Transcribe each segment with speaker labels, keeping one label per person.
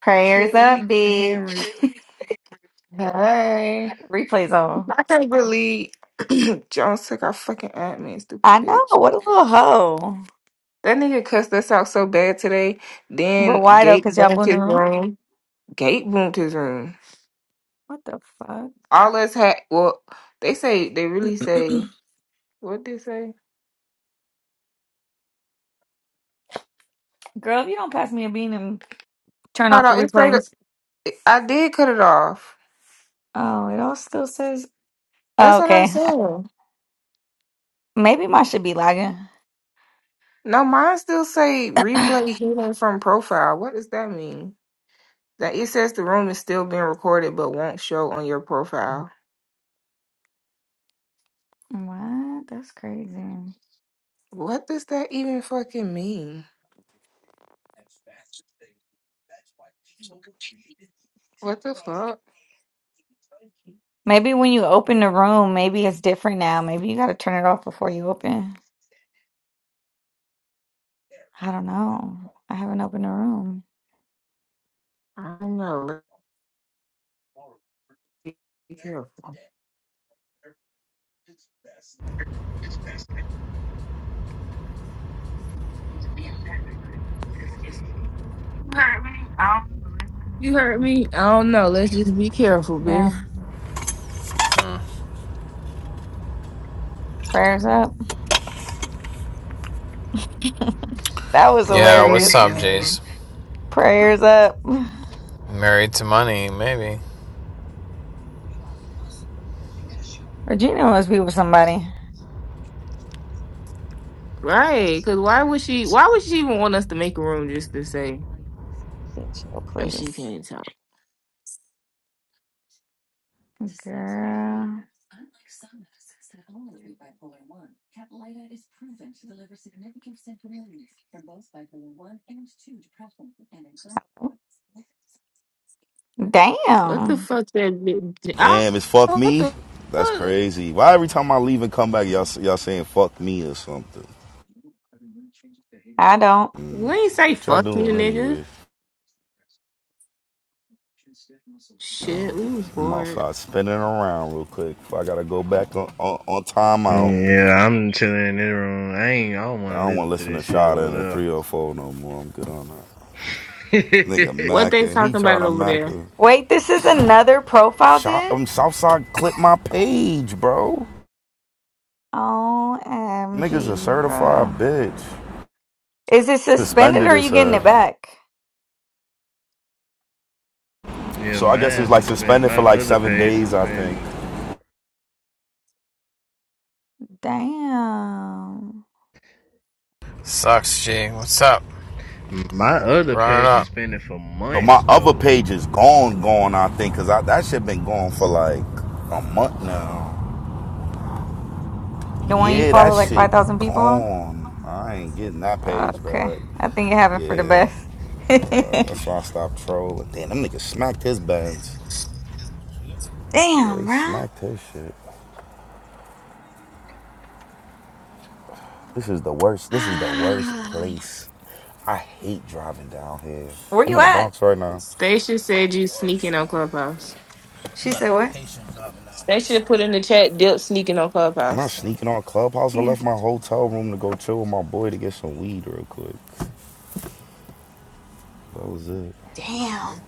Speaker 1: Prayers
Speaker 2: Shit, let me
Speaker 1: up,
Speaker 2: get the
Speaker 1: bitch.
Speaker 2: hammer. Hey,
Speaker 1: Replays on.
Speaker 2: I can't believe Jones took our fucking admin, stupid
Speaker 1: I know.
Speaker 2: bitch.
Speaker 1: What a little hoe.
Speaker 2: That nigga cussed us out so bad today.
Speaker 1: But
Speaker 2: Then
Speaker 1: why though?
Speaker 2: Gate
Speaker 1: Because y'all boo
Speaker 2: boomed
Speaker 1: in the
Speaker 2: his
Speaker 1: room?
Speaker 2: room. Gate boomed his room.
Speaker 1: What the fuck?
Speaker 2: All us had. Well, they say they really say what they say.
Speaker 1: Girl, if you don't pass me a bean and turn
Speaker 2: Hold
Speaker 1: off the
Speaker 2: on, it's straight up.
Speaker 1: replays.
Speaker 2: I did cut it off.
Speaker 1: Oh, it all still says. Oh,
Speaker 2: That's what I'm
Speaker 1: okay.
Speaker 2: saying.
Speaker 1: Maybe mine should be lagging.
Speaker 2: No, mine still say
Speaker 1: what?
Speaker 2: replay hidden from profile. What does that mean? That it says the room is still being recorded but won't show on your profile.
Speaker 1: That's crazy.
Speaker 2: What does that even fucking mean? What the fuck?
Speaker 1: Maybe when you open the room, maybe it's different now. Maybe you got to turn it off before you open. I don't know. I haven't opened the room.
Speaker 2: I don't know. Let's be be careful. You heard me? I don't know. Let's just be careful,
Speaker 1: Yeah.
Speaker 2: bitch.
Speaker 3: Mm.
Speaker 1: Prayers up. That was
Speaker 3: Yeah, what's
Speaker 2: Cause
Speaker 1: hilarious.
Speaker 3: up, Jace?
Speaker 2: man.
Speaker 1: Prayers up.
Speaker 3: Married to money, maybe.
Speaker 1: Regina must be with somebody.
Speaker 2: Right. Cause why would she why would she even want us to make a room just to say
Speaker 1: Bitch, oh,
Speaker 2: "Oh,
Speaker 1: please.
Speaker 2: she can't talk?
Speaker 1: Girl.
Speaker 2: What the
Speaker 1: Damn.
Speaker 2: fuck that bitch I,
Speaker 4: Damn, it's fuck
Speaker 2: what
Speaker 4: me.
Speaker 2: the
Speaker 4: That's
Speaker 2: fuck?
Speaker 4: crazy. Why every time I leave and come back, y'all y'all saying fuck me or something?
Speaker 1: I don't.
Speaker 2: We ain't say
Speaker 4: What y'all
Speaker 2: fuck you
Speaker 4: doing
Speaker 2: nigga.
Speaker 4: anyway?
Speaker 2: Shit, we was
Speaker 4: I'm
Speaker 2: bored.
Speaker 4: outside spinning around real quick. If I gotta go back on on, on timeout,
Speaker 5: Yeah, I'm chilling in this room. I ain't. I don't
Speaker 4: I
Speaker 5: want to
Speaker 4: don't want to
Speaker 5: listen to
Speaker 4: listen to
Speaker 5: this shit
Speaker 4: Shada and a
Speaker 5: over
Speaker 4: 304 no more. I'm good on that. Nigga
Speaker 5: there.
Speaker 2: What they
Speaker 4: Macca, he
Speaker 2: talking
Speaker 4: trying
Speaker 2: about
Speaker 4: to
Speaker 2: over
Speaker 4: Macca.
Speaker 2: there?
Speaker 1: Wait, this is another profile
Speaker 4: Shot
Speaker 1: dip?
Speaker 4: him Southside clip my page, bro. Niggas a
Speaker 1: OMG,
Speaker 4: certified
Speaker 1: bruh.
Speaker 4: bitch.
Speaker 1: Is it suspended or
Speaker 4: Suspended
Speaker 1: are
Speaker 4: it
Speaker 1: you getting
Speaker 4: said.
Speaker 1: it back? Oh,
Speaker 5: yeah,
Speaker 4: So I guess
Speaker 5: mine
Speaker 4: it's like
Speaker 5: suspended.
Speaker 4: suspended
Speaker 5: My
Speaker 4: for like
Speaker 5: other
Speaker 4: seven
Speaker 5: page
Speaker 4: days, I think.
Speaker 5: suspended.
Speaker 1: damn.
Speaker 3: Sucks, G. What's up?
Speaker 5: My other
Speaker 3: Running
Speaker 5: page
Speaker 3: up.
Speaker 5: suspended for
Speaker 4: So
Speaker 5: months
Speaker 4: my other
Speaker 5: though.
Speaker 4: page is gone, gone. I think, cause that shit been gone for like a month now.
Speaker 1: The one you
Speaker 4: Yeah, that
Speaker 1: follow like
Speaker 4: shit
Speaker 1: 5,000 people on?
Speaker 4: gone. I ain't getting that
Speaker 1: Oh,
Speaker 4: page
Speaker 1: okay.
Speaker 4: back.
Speaker 1: I think it happened for the
Speaker 4: Yeah,
Speaker 1: best.
Speaker 4: that's why I stopped trolling. Damn, them niggas smacked his buns. Yeah,
Speaker 1: Damn,
Speaker 4: they
Speaker 1: bro.
Speaker 4: smacked his shit. This is the worst. This is the worst place. I hate driving down here.
Speaker 1: Where
Speaker 4: I'm
Speaker 1: you
Speaker 4: in the
Speaker 1: at?
Speaker 4: Bronx right now.
Speaker 2: Stacia
Speaker 4: Fucking
Speaker 2: said you
Speaker 4: worst,
Speaker 2: sneaking
Speaker 4: son.
Speaker 2: on Clubhouse.
Speaker 4: You
Speaker 1: She
Speaker 4: gotta
Speaker 1: said,
Speaker 4: have
Speaker 1: what?
Speaker 4: patience driving down here,
Speaker 2: Stacia put
Speaker 4: son.
Speaker 2: in the chat dip sneaking on
Speaker 4: I'm not
Speaker 2: Clubhouse.
Speaker 4: sneaking on Clubhouse. I
Speaker 1: Yeah.
Speaker 4: left my hotel room to go chill with my boy to get some weed real quick. That was it.
Speaker 1: Damn.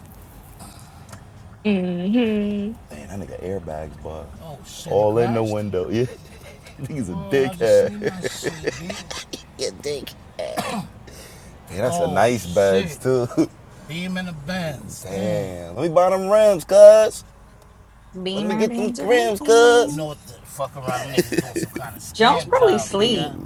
Speaker 2: Mm-hmm.
Speaker 4: Man, that nigga airbags, boy. Oh shit, All in the window. Yeah. Nigga's a Oh, dickhead. yeah, dick. Yeah, that's oh, a Oh nice bags, too. Beam in the bands. Damn. Let me buy them rims, cuz. Let me
Speaker 1: Beamer,
Speaker 4: get them
Speaker 1: Benz, or
Speaker 4: rims, cuz. You
Speaker 1: Bentley.
Speaker 4: know what the fuck around niggas doing some kind of
Speaker 1: Jones
Speaker 4: scam
Speaker 1: probably
Speaker 4: job, nigga.
Speaker 1: sleep.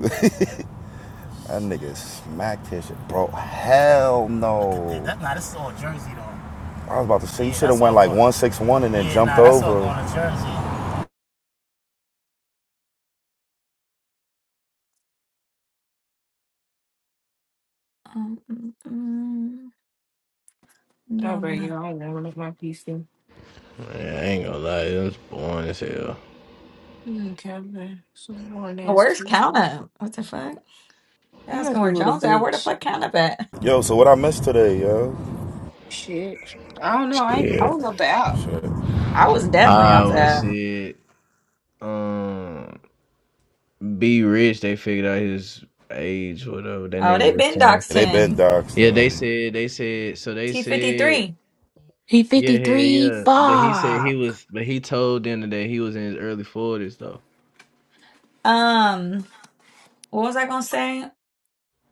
Speaker 4: That nigga smacked his shit, bro. Hell Hey, no. that, nah, this is all Jersey though. I was about to say you Yeah, should have went like one six one and then yeah, jumped nah, that's over. going Jersey.
Speaker 1: Um, mm, mm. I'm
Speaker 2: I'll
Speaker 1: doing well.
Speaker 2: bring it on warming up my PC.
Speaker 5: Man, I ain't gonna lie, it was boring as hell.
Speaker 2: Mm, Kevin, so warm
Speaker 1: Now,
Speaker 2: ass
Speaker 1: Where's count
Speaker 2: Tuesday.
Speaker 1: up? What the fuck? You're
Speaker 2: He
Speaker 1: asking
Speaker 2: must be a
Speaker 1: where
Speaker 2: little
Speaker 1: Jones at? Where the
Speaker 2: bitch.
Speaker 1: fuck count up at?
Speaker 4: Yo, so what I missed today, yo?
Speaker 2: Shit. I don't know. I I
Speaker 5: Shit.
Speaker 2: was up the app.
Speaker 4: Shit. Yeah,
Speaker 1: I was definitely
Speaker 5: I
Speaker 1: off
Speaker 5: always
Speaker 1: that.
Speaker 5: said, um, be rich. They figured out his age, whatever that
Speaker 1: Oh, they
Speaker 5: nigga was
Speaker 1: been
Speaker 5: saying.
Speaker 1: doxed
Speaker 4: They been
Speaker 1: him.
Speaker 4: doxed
Speaker 5: Yeah, they
Speaker 4: them.
Speaker 5: said. They said. So they
Speaker 1: He
Speaker 5: said.
Speaker 1: 53.
Speaker 2: He
Speaker 5: Yeah, yeah,
Speaker 2: 53.
Speaker 5: yeah. But he said he
Speaker 2: Fuck.
Speaker 5: was, but he told them that he was in his early forties though.
Speaker 1: Um, what was I gonna say?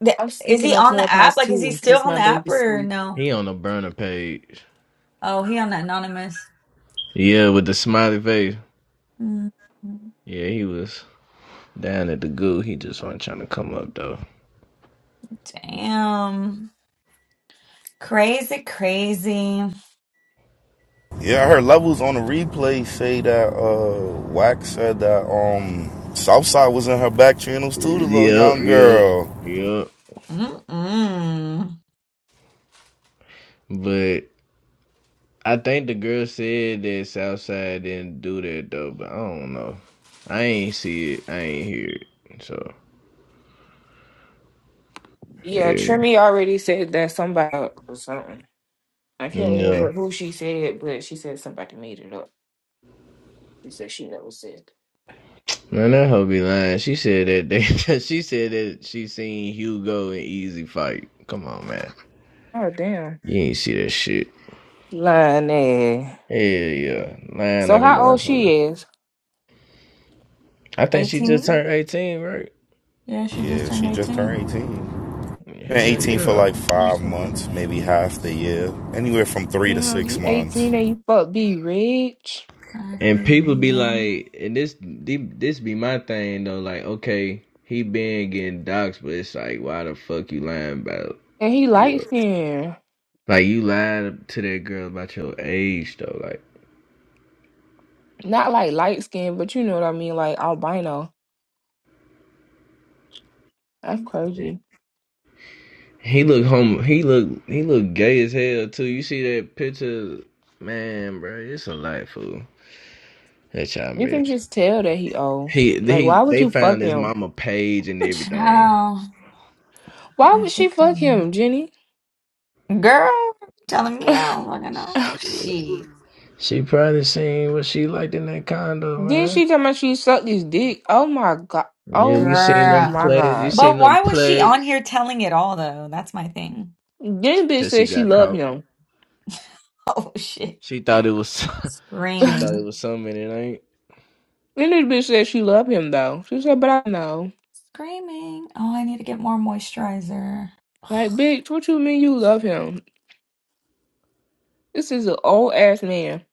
Speaker 1: The-
Speaker 2: I'm
Speaker 1: Is
Speaker 2: sneaking
Speaker 1: he
Speaker 2: on
Speaker 1: on the app?
Speaker 2: Clubhouse
Speaker 1: Like, is he
Speaker 2: too,
Speaker 1: still
Speaker 2: because
Speaker 1: on
Speaker 2: my
Speaker 1: the app
Speaker 2: baby's
Speaker 1: or
Speaker 2: sweet.
Speaker 1: no?
Speaker 5: He on the burner page.
Speaker 1: Oh, he on the anonymous.
Speaker 5: Yeah, with the smiley face.
Speaker 1: Mm,
Speaker 5: Yeah, he was down at the goo. He just wasn't trying to come up though.
Speaker 1: Damn. Crazy, crazy.
Speaker 4: Yeah, I heard levels on the replay say that uh Wax said that um Southside was in her back channels too, the little
Speaker 5: Yep,
Speaker 4: young
Speaker 5: yep,
Speaker 4: girl.
Speaker 5: yep.
Speaker 1: Mm-mm.
Speaker 5: But I think the girl said that Southside didn't do that though. But I don't know. I ain't see it. I ain't hear it. So
Speaker 2: Yeah,
Speaker 5: yeah,
Speaker 2: Trimmy already said that somebody or something. I can't
Speaker 5: yeah.
Speaker 2: remember who she said, but she said somebody made it up. She said she never said
Speaker 5: Man, that hoe be lying. She said that they, she said that she seen Hugo in Easy Fight. Come on, man.
Speaker 2: Oh damn.
Speaker 5: You ain't see that shit.
Speaker 2: Lying ass.
Speaker 5: Hell yeah. Lying
Speaker 2: So
Speaker 5: like a
Speaker 2: how old she
Speaker 5: motherfucker.
Speaker 2: is?
Speaker 5: I think she just
Speaker 1: 18?
Speaker 5: turned 18, right?
Speaker 1: Yeah, she just
Speaker 4: Yeah,
Speaker 1: turned
Speaker 4: she just
Speaker 1: 18.
Speaker 4: turned 18. Been
Speaker 5: Hell
Speaker 4: 18 for
Speaker 5: yeah.
Speaker 4: like
Speaker 1: That
Speaker 4: five
Speaker 1: shit
Speaker 4: months,
Speaker 1: crazy.
Speaker 4: maybe half the year. Anywhere from three to
Speaker 2: You know,
Speaker 4: six
Speaker 2: you
Speaker 4: months.
Speaker 2: 18 and you fuck be rich.
Speaker 1: I
Speaker 5: And
Speaker 1: think,
Speaker 5: people be
Speaker 1: Yeah.
Speaker 5: like, and this this be my thing though, like, okay, he been getting doxxed, but it's like, why the fuck you lying about?
Speaker 2: And he light
Speaker 5: Yeah.
Speaker 2: skinned.
Speaker 5: Like you lied to that girl about your age though, like.
Speaker 2: Not like light skinned, but you know what I mean, like albino. That's crazy.
Speaker 5: He look home. He look. He look gay as hell too. You see that picture, man, bro? It's a life fool. That child
Speaker 2: You
Speaker 5: miss.
Speaker 2: can just tell that he old.
Speaker 5: He
Speaker 2: Like
Speaker 5: he.
Speaker 2: why would
Speaker 5: They
Speaker 2: you fuck
Speaker 5: found his
Speaker 2: him?
Speaker 5: mama page and
Speaker 1: Ooh,
Speaker 5: everything.
Speaker 1: Child.
Speaker 2: Why
Speaker 1: That
Speaker 2: would she
Speaker 1: shit
Speaker 2: fuck
Speaker 1: crazy.
Speaker 2: him, Jenny?
Speaker 1: Girl, telling me I don't fucking know. Shit.
Speaker 5: She probably seen what she liked in that condo,
Speaker 2: Then
Speaker 5: man.
Speaker 2: she tell me she sucked his dick. Oh my god.
Speaker 5: Yeah, you
Speaker 2: Oh
Speaker 5: seen them
Speaker 2: my
Speaker 1: Girl.
Speaker 5: play. You
Speaker 2: god.
Speaker 1: But
Speaker 5: seen them
Speaker 1: why was she on
Speaker 5: plagues.
Speaker 1: here telling it all though? That's my thing.
Speaker 2: Then the bitch
Speaker 5: That she
Speaker 2: said she
Speaker 5: got
Speaker 2: love
Speaker 5: caught.
Speaker 2: him.
Speaker 1: Oh shit.
Speaker 5: She thought it was. she
Speaker 2: then
Speaker 5: thought it
Speaker 1: Screaming.
Speaker 5: was something. It ain't.
Speaker 2: the bitch said she love him though. She said, but I know.
Speaker 1: Screaming. Oh, I need to get more moisturizer.
Speaker 2: Like,
Speaker 1: Ugh.
Speaker 2: bitch, what you mean you love him? This is an old ass man.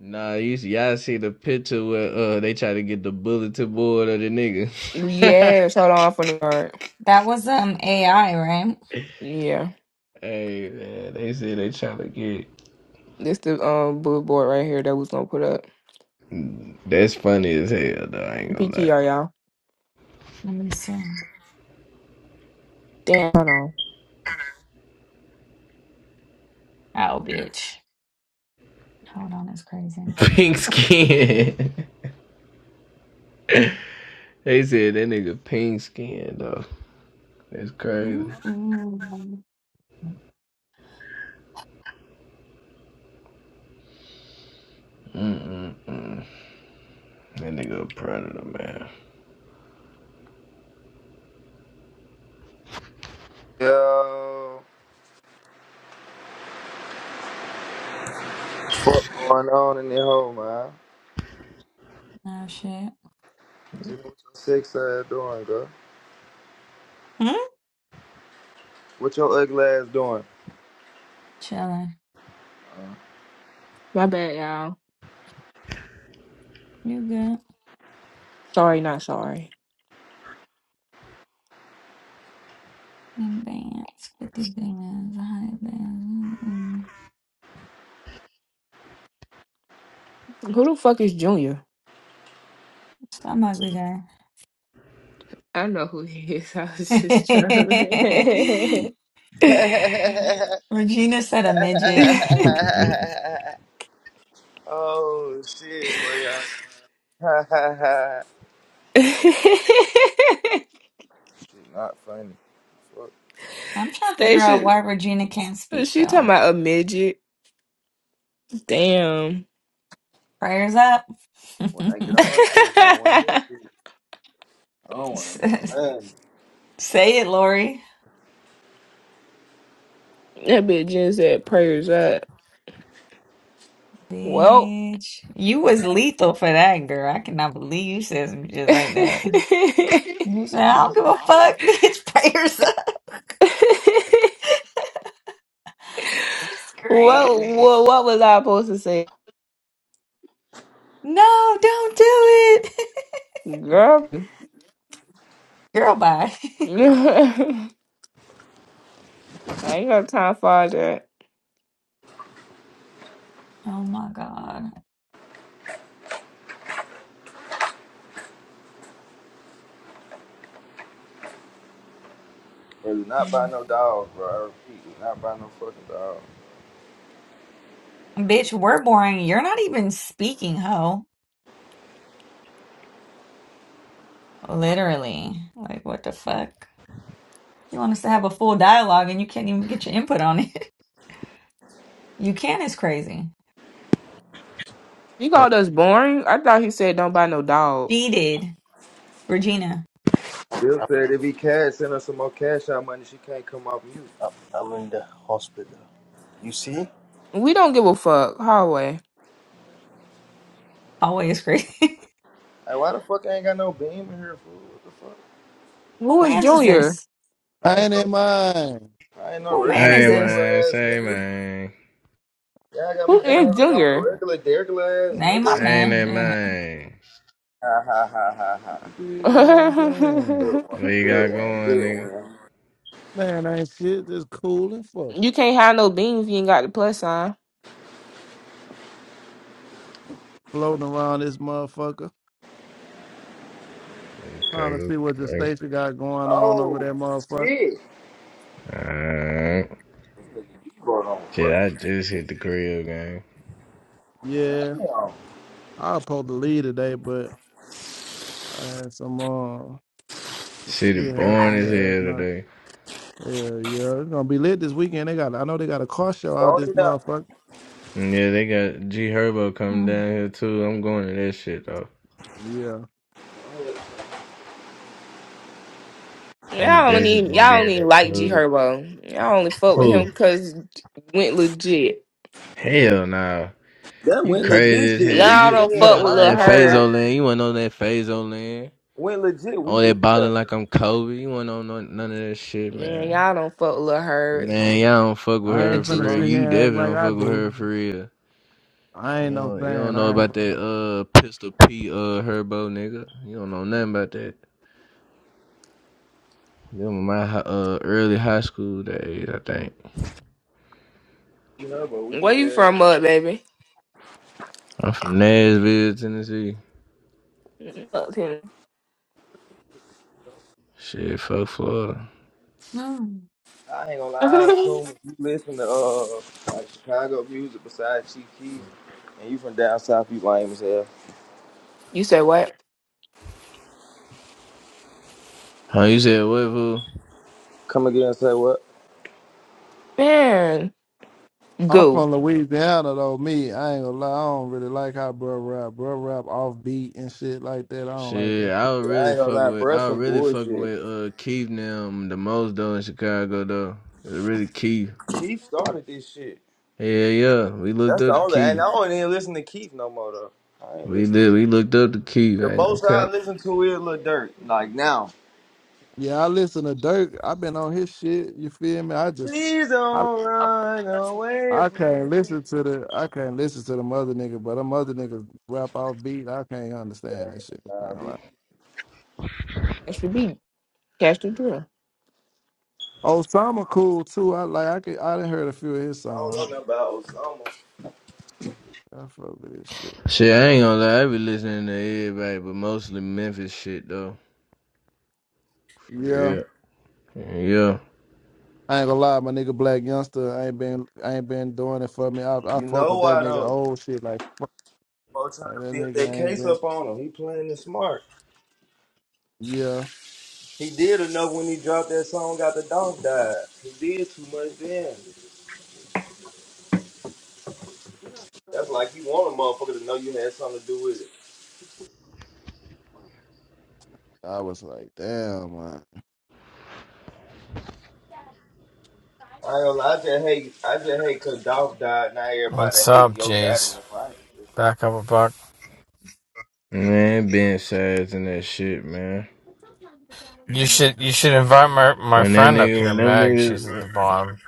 Speaker 5: Nah, you see, y'all see the picture where uh they try to get the bulletin board of the nigga.
Speaker 2: Yes, hold on for the guard.
Speaker 1: That was um AI, right?
Speaker 2: Yeah,
Speaker 5: Hey man, they say they trying to get.
Speaker 2: this the um billboard right here that was gonna put up
Speaker 5: That's funny as hell though. I ain't gonna lie.
Speaker 2: PTR y'all.
Speaker 1: Let me see.
Speaker 2: Damn, hold on.
Speaker 1: Oh, bitch. Hold on, it's crazy.
Speaker 5: Pink skin. they said that nigga pink skin though. That's crazy.
Speaker 1: Mm-mm.
Speaker 5: Mm-mm-mm. That nigga a predator man.
Speaker 6: Yo, fuck going on in your home, man?
Speaker 1: Nah, shit.
Speaker 6: Gina, what your six ass doing, girl?
Speaker 1: Hmm?
Speaker 6: What your ugly ass doing?
Speaker 1: Chilling.
Speaker 2: My bad, y'all.
Speaker 1: You good?
Speaker 2: Sorry, not sorry.
Speaker 1: In bands, 50 bands, 100 bands. Mm-mm.
Speaker 2: Who the fuck is Junior?
Speaker 1: Some ugly guy.
Speaker 2: I know who he is. I was just trolling.
Speaker 1: Regina said a midget.
Speaker 6: oh shit, well yeah. shit, not funny. Fuck.
Speaker 1: I'm trying to figure out
Speaker 2: Station,
Speaker 1: why Regina can't speak,
Speaker 2: she talking
Speaker 1: though.
Speaker 2: about a midget. Damn.
Speaker 1: Prayers up.
Speaker 6: When I get on her case, I don't want to hear
Speaker 2: that
Speaker 6: shit. I don't want to hear nothing.
Speaker 1: Say it, Lori.
Speaker 2: bitch just said prayers up. Well,
Speaker 1: Bitch. You was lethal for that, girl. I cannot believe you said some shit
Speaker 2: what,
Speaker 1: like that. You said, I don't give a fuck, bitch. Prayers up. I'm
Speaker 2: what
Speaker 1: screaming.
Speaker 2: what was I supposed to say,
Speaker 1: No, don't do it.
Speaker 2: girl?
Speaker 1: Girl, bye.
Speaker 2: I ain't got time for all that.
Speaker 1: Oh my God.
Speaker 6: It was not by
Speaker 1: Mm.
Speaker 6: no dog, bro. I repeat, it's not by no fucking dog.
Speaker 1: Bitch, we're boring. You're not even speaking, ho. Literally. Like, what the fuck? You want us to have a full dialogue and you can't even get your input on it. You can is crazy.
Speaker 2: He
Speaker 7: and
Speaker 2: called us boring. I thought he said don't buy no dog.
Speaker 1: She did. Regina.
Speaker 6: Bill said if he cash, send her some more cash out money. She can't come off mute.
Speaker 7: I'm in the hospital. You see?
Speaker 2: We don't give a fuck. Hallway.
Speaker 1: Always crazy.
Speaker 6: Hey, why the fuck I ain't got no beam in here, fool? What the fuck?
Speaker 1: Who
Speaker 2: Who is
Speaker 1: man's is
Speaker 2: Junior?
Speaker 1: this?
Speaker 8: I
Speaker 6: I ain't
Speaker 8: ain't in
Speaker 6: no,
Speaker 8: mine.
Speaker 6: I ain't no
Speaker 1: Who man
Speaker 6: regular
Speaker 1: is
Speaker 5: hey
Speaker 1: this?
Speaker 5: man,
Speaker 6: dergler ass
Speaker 5: say
Speaker 6: nigga.
Speaker 5: man,
Speaker 6: Y'all got me
Speaker 2: Who
Speaker 6: down
Speaker 2: is
Speaker 6: here like I'm
Speaker 2: Junior?
Speaker 6: a regular dergler ass
Speaker 1: Name my
Speaker 6: nigga.
Speaker 5: I ain't that
Speaker 1: man.
Speaker 5: man.
Speaker 6: Ha ha ha ha ha.
Speaker 8: You dig what I'm saying?
Speaker 6: Good
Speaker 5: What
Speaker 6: one,
Speaker 5: you
Speaker 6: good
Speaker 5: got
Speaker 6: one,
Speaker 5: going, nigga?
Speaker 6: good one.
Speaker 8: Man, ain't shit just cool and fuck.
Speaker 2: you can't have no beans. if You ain't got the plus sign.
Speaker 8: Floating around this motherfucker, trying to
Speaker 5: Okay,
Speaker 8: see what the
Speaker 5: okay.
Speaker 8: station got going on over
Speaker 6: Oh
Speaker 8: there, motherfucker.
Speaker 6: shit!
Speaker 5: Alright.
Speaker 6: This nigga Debo on
Speaker 5: Shit, I
Speaker 6: fucking
Speaker 5: just hit the crib, gang.
Speaker 8: Yeah,
Speaker 6: damn.
Speaker 8: I was supposed to leave today, but I had some uh some
Speaker 5: Shit is
Speaker 8: shit
Speaker 5: boring
Speaker 8: happen
Speaker 5: as
Speaker 8: last
Speaker 5: hell
Speaker 8: night.
Speaker 5: today.
Speaker 8: Yeah, yeah, it's gonna be lit this weekend. They got, I know they got a car show out
Speaker 6: Throw
Speaker 8: this
Speaker 6: it up.
Speaker 8: motherfucker.
Speaker 5: Mm, Yeah, they got G Herbo coming
Speaker 1: Shit.
Speaker 5: down here too. I'm going to that shit though.
Speaker 8: Yeah,
Speaker 5: I'm
Speaker 2: Y'all don't
Speaker 5: definitely
Speaker 2: even
Speaker 5: gonna be
Speaker 2: y'all don't
Speaker 5: in
Speaker 2: even
Speaker 5: that
Speaker 2: like G
Speaker 5: club.
Speaker 2: Herbo. Y'all only fuck with
Speaker 5: Who?
Speaker 2: him cause went legit.
Speaker 5: Hell nah.
Speaker 6: That
Speaker 5: You
Speaker 6: went
Speaker 5: crazy
Speaker 6: legit
Speaker 5: as
Speaker 6: shit,
Speaker 5: hell.
Speaker 6: weak
Speaker 2: Y'all
Speaker 6: as
Speaker 5: You
Speaker 2: don't
Speaker 5: you
Speaker 2: fuck
Speaker 6: hell.
Speaker 5: wasn't
Speaker 2: with
Speaker 5: on
Speaker 6: I
Speaker 2: Lil
Speaker 6: ain't
Speaker 5: that
Speaker 6: gonna lie.
Speaker 2: Herb.
Speaker 5: phaso land. You wasn't on that phaso land.
Speaker 6: Went legit
Speaker 5: On
Speaker 6: weak as
Speaker 5: that
Speaker 6: hell.
Speaker 5: balling like I'm Kobe. You wasn't on none none of that shit,
Speaker 2: Yeah,
Speaker 5: man.
Speaker 2: y'all don't fuck with Lil Herb.
Speaker 5: Man, y'all don't fuck with
Speaker 8: I
Speaker 2: The
Speaker 5: her
Speaker 8: ain't
Speaker 5: for
Speaker 2: G-
Speaker 8: finna
Speaker 5: real.
Speaker 8: sit
Speaker 5: You
Speaker 8: here and act
Speaker 5: definitely
Speaker 8: like
Speaker 5: don't
Speaker 8: I
Speaker 5: fuck with
Speaker 8: do.
Speaker 5: her for real.
Speaker 8: I
Speaker 5: You
Speaker 8: ain't no
Speaker 5: don't you don't
Speaker 8: fan.
Speaker 5: know
Speaker 8: I. ain't
Speaker 5: about that uh pistol P uh Herbo nigga. You don't know nothing about that. Them were my hi- uh early high school days, I think.
Speaker 6: You know, but weak
Speaker 2: Where
Speaker 6: as
Speaker 2: you
Speaker 6: hell.
Speaker 2: from, up, baby?
Speaker 5: I'm from Nashville, Tennessee.
Speaker 2: Up here.
Speaker 5: Shit, fuck Florida.
Speaker 1: Mm.
Speaker 6: I ain't gonna lie. I assume if you listen to uh like Chicago music besides Chief Keef, and you from down south, you lame as hell.
Speaker 2: you say what?
Speaker 5: Huh, you said what, fool?
Speaker 6: Come again and say what?
Speaker 2: Man,
Speaker 8: I'm
Speaker 2: go.
Speaker 8: from Louisiana though. Me, I ain't gonna lie. I don't really like how bro rap, bro rap off beat and shit like that. I don't like
Speaker 5: Shit,
Speaker 8: that. Shit.
Speaker 5: I would
Speaker 6: Yeah, I
Speaker 5: really
Speaker 6: ain't gonna
Speaker 5: fuck
Speaker 6: lie,
Speaker 5: with
Speaker 6: bruh,
Speaker 5: I
Speaker 6: some
Speaker 5: would really fuck
Speaker 6: bullshit.
Speaker 5: with uh Keith and them the most though in Chicago though. It's really Keith.
Speaker 6: Keith started this shit.
Speaker 5: Yeah, yeah. We looked
Speaker 6: That's the
Speaker 5: up to
Speaker 6: only, and
Speaker 5: Keith.
Speaker 6: I don't even listen to Keith no more though. I ain't
Speaker 5: We
Speaker 6: listening.
Speaker 5: did we looked up to Keith.
Speaker 6: The
Speaker 5: I ain't gonna
Speaker 6: most I
Speaker 5: count.
Speaker 6: listen to is Lil Dirt, like now.
Speaker 8: Yeah, I listen to Dirk. i been on his shit. You feel me? I just,
Speaker 6: Please
Speaker 8: I,
Speaker 6: don't run
Speaker 2: Catch
Speaker 6: away
Speaker 8: I
Speaker 6: from
Speaker 8: can't
Speaker 6: me.
Speaker 8: listen to the, I can't listen to them other niggas, but them other niggas rap off beat. I can't understand that shit. I
Speaker 6: Nah,
Speaker 8: ain't
Speaker 6: me.
Speaker 8: like.
Speaker 2: the beat. Catch the drill.
Speaker 8: Osama cool too. I like. I could. I done heard a few of his
Speaker 6: I don't know
Speaker 8: songs.
Speaker 6: nothing about Osama.
Speaker 8: I fuck with this shit.
Speaker 5: Shit, I ain't gonna lie, I be listening to everybody, but mostly Memphis shit though.
Speaker 8: Yeah.
Speaker 5: Yeah. Yeah.
Speaker 8: I ain't gonna lie, my nigga Black Youngster ain't been ain't been doing it for me. I I
Speaker 6: You
Speaker 8: fuck
Speaker 6: know
Speaker 8: with that
Speaker 6: why
Speaker 8: nigga
Speaker 6: though?
Speaker 8: old shit like
Speaker 6: Bo trying
Speaker 8: Like,
Speaker 6: to
Speaker 8: that
Speaker 6: build that
Speaker 8: nigga ain't
Speaker 6: case
Speaker 8: been.
Speaker 6: up on him. He playing it smart.
Speaker 8: Yeah,
Speaker 6: He did enough when he dropped that song. Got the dog died. He did too much then. That's like you want a motherfucker to know you had something to do with it.
Speaker 8: I was like, damn, man.
Speaker 6: I don't know, I just hate I just hate cause Dolph died. Now everybody
Speaker 3: What's
Speaker 6: hate
Speaker 3: up,
Speaker 6: Yo God in
Speaker 3: Jace?
Speaker 6: the fight.
Speaker 3: Back up a buck.
Speaker 5: Man, Ben Sides and that shit, man.
Speaker 3: You should you should invite my my
Speaker 5: When that
Speaker 3: friend up
Speaker 5: nigga
Speaker 3: here,
Speaker 5: when them
Speaker 3: Meg. She's at
Speaker 5: niggas
Speaker 3: the bottom.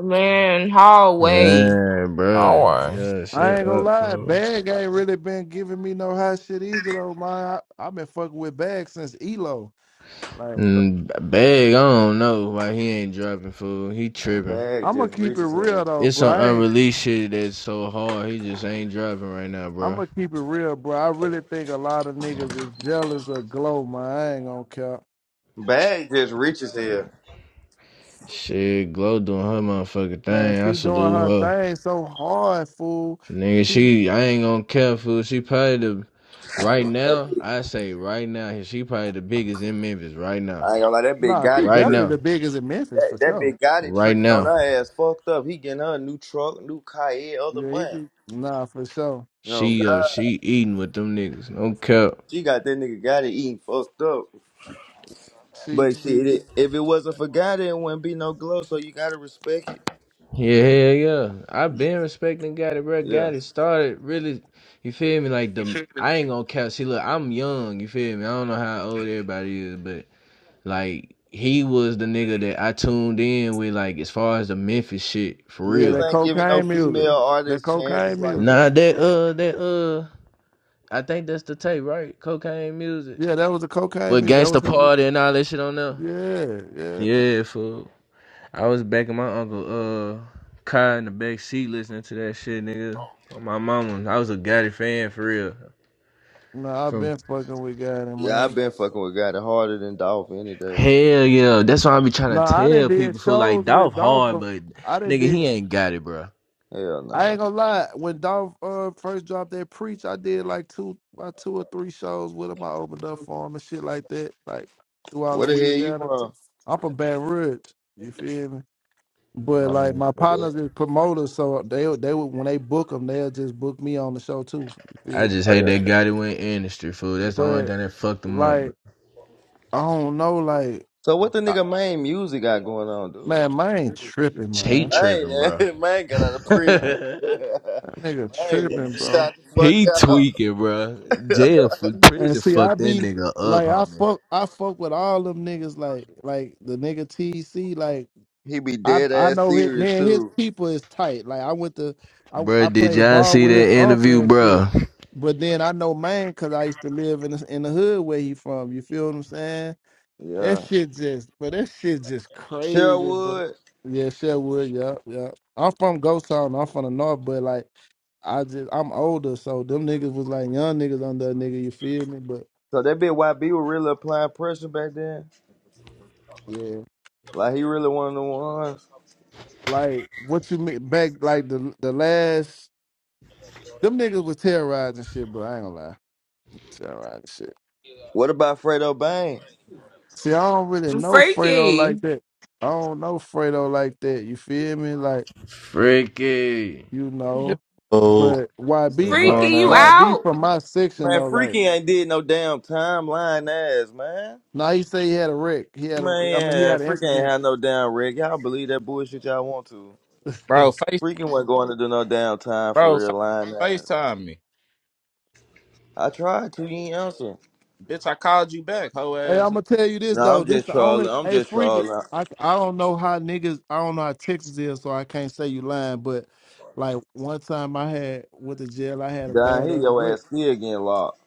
Speaker 2: Man, hallway.
Speaker 5: Man, bro.
Speaker 3: Oh,
Speaker 5: Yeah,
Speaker 8: I
Speaker 5: shut
Speaker 8: ain't gonna
Speaker 5: up,
Speaker 8: lie,
Speaker 5: fool.
Speaker 8: Bag ain't really been giving me no hot shit either, though, man. I, I've been fucking with Bag since Elo. Like,
Speaker 5: Mm, Bag, I don't know why he ain't dropping, fool. He
Speaker 6: Man,
Speaker 5: tripping.
Speaker 6: Bag
Speaker 8: I'm gonna
Speaker 6: just
Speaker 8: keep it
Speaker 6: reaches
Speaker 8: real,
Speaker 6: here.
Speaker 8: though,
Speaker 5: It's
Speaker 8: bro.
Speaker 5: some
Speaker 8: I ain't,
Speaker 5: unreleased shit that's so hard. He just ain't dropping right now,
Speaker 8: I'm
Speaker 5: bro.
Speaker 8: gonna keep it real, bro. I really think a lot of niggas is jealous of Glow, man. I ain't gonna care.
Speaker 6: Bag just reaches here.
Speaker 5: Shit, Glow doing her motherfucking
Speaker 8: Man,
Speaker 5: thing. I
Speaker 8: she doing her
Speaker 5: salute her.
Speaker 8: thing so hard, fool.
Speaker 5: Nigga,
Speaker 8: She,
Speaker 5: she, I ain't gonna care, fool. She probably the,
Speaker 6: I ain't
Speaker 5: right
Speaker 6: gonna lie, that big,
Speaker 5: now, I say right now, she probably the biggest in Memphis right
Speaker 6: I
Speaker 5: now.
Speaker 6: ain't gonna lie, that big
Speaker 8: nah, she
Speaker 6: Gotti
Speaker 5: Right
Speaker 6: trick.
Speaker 8: definitely
Speaker 5: now.
Speaker 8: the biggest in Memphis,
Speaker 6: That
Speaker 8: for
Speaker 6: that
Speaker 8: sure.
Speaker 6: big Gotti
Speaker 5: Right
Speaker 6: tricking on
Speaker 5: now.
Speaker 6: her ass fucked up. He getting her a new truck, new Kaye, other
Speaker 8: Yeah, he
Speaker 6: month.
Speaker 8: just, nah, for sure.
Speaker 6: No
Speaker 5: She, uh,
Speaker 6: God,
Speaker 5: she eating with them niggas. No cap.
Speaker 6: she got that nigga Gotti eating fucked up.
Speaker 8: She,
Speaker 6: But
Speaker 8: she,
Speaker 6: shit, it, if it wasn't for Gotti, it wouldn't be no glow. So you gotta respect it.
Speaker 5: Yeah, yeah, yeah. I've been respecting Gotti, bro.
Speaker 6: Yeah,
Speaker 5: Gotti started really, you feel me? Like the I ain't gonna count. See, look, I'm young. You feel me? I don't know how old everybody is, but like he was the nigga that I tuned in with, like as far as the Memphis shit for
Speaker 8: Yeah,
Speaker 5: real.
Speaker 8: that
Speaker 6: niggas ain't giving no
Speaker 8: cocaine music.
Speaker 6: female
Speaker 8: That
Speaker 6: artists chances
Speaker 8: cocaine
Speaker 6: like
Speaker 8: music.
Speaker 5: Nah,
Speaker 6: that.
Speaker 5: that uh, that uh, I think that's the tape, right? Cocaine music
Speaker 8: Yeah, that was the cocaine
Speaker 5: with
Speaker 8: music. That was
Speaker 5: gangsta
Speaker 8: his.
Speaker 5: party and all that shit on there.
Speaker 8: Yeah, yeah.
Speaker 5: Yeah, fool. I was back in my uncle uh car in the back seat listening to that shit, nigga. On my mama, I was a Gotti fan for real.
Speaker 8: No, I've
Speaker 5: From
Speaker 8: been fucking with God in
Speaker 6: Yeah,
Speaker 8: mind.
Speaker 6: I've been fucking with God harder than Dolph any day.
Speaker 5: hell yeah, that's why I be
Speaker 8: No,
Speaker 5: trying to
Speaker 8: I done
Speaker 5: tell
Speaker 8: did
Speaker 5: people. So like
Speaker 8: shows
Speaker 5: Dolph
Speaker 8: with Dolph.
Speaker 5: hard,
Speaker 8: But
Speaker 5: but
Speaker 8: I done
Speaker 5: nigga
Speaker 8: did.
Speaker 5: he ain't got it, bro.
Speaker 6: Hell
Speaker 8: I
Speaker 6: nah.
Speaker 8: ain't gonna lie. When Dolph uh, first dropped that preach, I did like two, about two or three shows with him. I opened up for him and shit like that. Like throughout
Speaker 6: Where the hell you
Speaker 8: Louisiana. t-
Speaker 6: from?
Speaker 8: I'm from Baton Rouge. You feel me? But like
Speaker 5: Mm.
Speaker 8: my
Speaker 6: Oh yeah.
Speaker 8: partners is promoters, so they they would when they book them, they'll just book me on the show too. You
Speaker 5: I
Speaker 8: feel me?
Speaker 5: just
Speaker 6: Oh,
Speaker 5: hate
Speaker 6: yeah.
Speaker 5: that Gotti went industry fool. That's the only
Speaker 8: But
Speaker 5: thing that fucked him up, bro.
Speaker 8: like I don't know, like
Speaker 6: So what the
Speaker 8: I,
Speaker 6: nigga main music got going on, dude?
Speaker 8: man,
Speaker 6: Don't-
Speaker 8: mine tripping,
Speaker 5: He
Speaker 8: man.
Speaker 6: Man,
Speaker 5: tripping, bro.
Speaker 6: man, man got out of prison.
Speaker 8: That,
Speaker 6: man,
Speaker 8: that nigga
Speaker 6: man,
Speaker 8: tripping, bro.
Speaker 6: shot the fuck
Speaker 5: he tweaking, bro. Jail for
Speaker 6: out.
Speaker 8: And
Speaker 5: prison
Speaker 8: see, I
Speaker 5: fucked that
Speaker 8: be
Speaker 5: nigga up,
Speaker 8: like, I
Speaker 5: homie.
Speaker 8: fuck, I fuck with all them niggas, like like the nigga TC, like.
Speaker 6: he be
Speaker 8: I
Speaker 6: dead
Speaker 8: I
Speaker 6: ass
Speaker 8: know his
Speaker 6: serious
Speaker 8: man. His
Speaker 6: too.
Speaker 8: people is tight. Like I went to I I
Speaker 5: Bruh, did
Speaker 8: played
Speaker 5: y'all
Speaker 8: ball
Speaker 5: see
Speaker 8: with his
Speaker 5: that
Speaker 8: uncle
Speaker 5: interview,
Speaker 8: and shit.
Speaker 5: bruh?
Speaker 8: But then I know mine because I used to live in the, in the hood where he from. You feel what I'm saying? That
Speaker 6: Yeah.
Speaker 8: shit just, but that shit just crazy, bro.
Speaker 6: Sherwood.
Speaker 8: Yeah, Sherwood. Yeah, yeah. I'm from Ghost Town. I'm from the north, but like I just I'm older, so them niggas was like young niggas under a nigga. You feel me? But
Speaker 6: So that bit YB was really applying pressure back then.
Speaker 8: yeah,
Speaker 6: Like he really one of the ones.
Speaker 8: like what you mean back like the the last them niggas was terrorizing shit, bro. I ain't gonna lie. all right shit.
Speaker 6: What about Fredo Bang?
Speaker 8: See, I don't really know Fredo like
Speaker 2: Freaky.
Speaker 8: that. I don't know Fredo like that. You feel me? Like,
Speaker 5: Freaky.
Speaker 8: you
Speaker 9: Yo,
Speaker 8: know. But
Speaker 9: bro,
Speaker 5: What's
Speaker 8: YB, co-
Speaker 2: Freaky,
Speaker 5: going
Speaker 2: you
Speaker 5: on?
Speaker 8: YB
Speaker 2: out?
Speaker 8: from my section
Speaker 6: Man,
Speaker 8: though, like,
Speaker 6: Freaky ain't did no damn time lying ass, man.
Speaker 8: now he say he had a wreck. He had a, I mean, he
Speaker 6: Man,
Speaker 8: had an
Speaker 6: freaking ain't
Speaker 8: incident.
Speaker 6: had no damn rig. Y'all believe that bullshit y'all want to.
Speaker 8: hey,
Speaker 9: face,
Speaker 6: Freaking wasn't going to do no damn time for
Speaker 9: bro, face,
Speaker 6: real lying ass.
Speaker 9: FaceTime me,
Speaker 6: I tried to, you ain't answer.
Speaker 9: bitch. I called you back, hoe ass.
Speaker 8: I'm gonna tell you this
Speaker 6: No,
Speaker 8: though.
Speaker 6: I'm
Speaker 8: This
Speaker 6: just
Speaker 8: the
Speaker 6: trolling.
Speaker 8: only,
Speaker 6: I'm
Speaker 8: hey,
Speaker 6: just
Speaker 8: freak it.
Speaker 6: trolling.
Speaker 8: I, I don't know how niggas, I don't know how Texas is, so I can't say you lying. But like one time I had with the jail, I had a
Speaker 6: Down here,
Speaker 8: badass wreck.
Speaker 6: your ass still getting locked.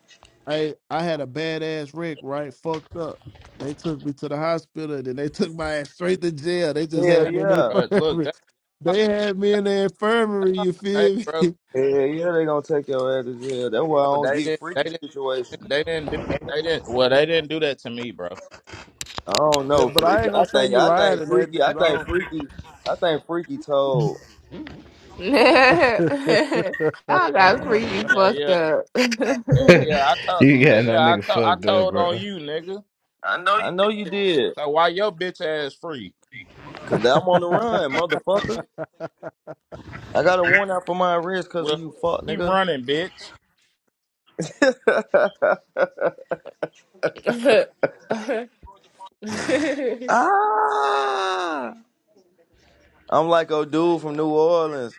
Speaker 8: I I had a badass wreck, right? Fucked up. They took me to the hospital, and then they took my ass straight to jail. They just
Speaker 6: Hell
Speaker 9: Hey,
Speaker 8: had me in the
Speaker 6: yeah.
Speaker 9: bro, look,
Speaker 8: infirmary.
Speaker 9: that,
Speaker 8: They had me
Speaker 9: yeah,
Speaker 8: in the infirmary. You
Speaker 9: hey,
Speaker 8: feel me?
Speaker 9: bro,
Speaker 6: Hell yeah, they gonna take your ass to jail. That's why I
Speaker 9: bro,
Speaker 6: don't
Speaker 9: they
Speaker 6: get
Speaker 9: didn't, they
Speaker 6: freaky
Speaker 9: didn't,
Speaker 6: situations.
Speaker 9: they didn't do that. They didn't. Well, they didn't do that to me, bro.
Speaker 6: I don't
Speaker 8: Yeah,
Speaker 6: know,
Speaker 8: but I
Speaker 6: freaky.
Speaker 8: ain't gonna
Speaker 6: I
Speaker 8: say
Speaker 6: think,
Speaker 8: you
Speaker 6: I
Speaker 8: lying
Speaker 6: think
Speaker 8: in that
Speaker 6: freaky, I
Speaker 8: because
Speaker 6: think freaky, I think freaky told.
Speaker 2: y'all
Speaker 8: I don't.
Speaker 9: Yeah,
Speaker 2: got
Speaker 9: yeah,
Speaker 2: freaky
Speaker 9: yeah,
Speaker 2: fucked
Speaker 9: yeah,
Speaker 2: up.
Speaker 9: yeah. yeah. I told,
Speaker 5: you
Speaker 9: nigga,
Speaker 5: got
Speaker 9: yeah,
Speaker 5: that
Speaker 9: I
Speaker 5: nigga
Speaker 9: told, I
Speaker 5: fucked up,
Speaker 9: told on
Speaker 5: bro.
Speaker 9: you, nigga.
Speaker 6: I know you did.
Speaker 9: So why your bitch ass free?
Speaker 6: Cause I'm on the run, motherfucker. I got a warrant out for my arrest cause
Speaker 9: Well,
Speaker 6: of you, fuck
Speaker 9: keep,
Speaker 6: nigga.
Speaker 9: running, bitch.
Speaker 6: ah! I'm like a dude from New Orleans.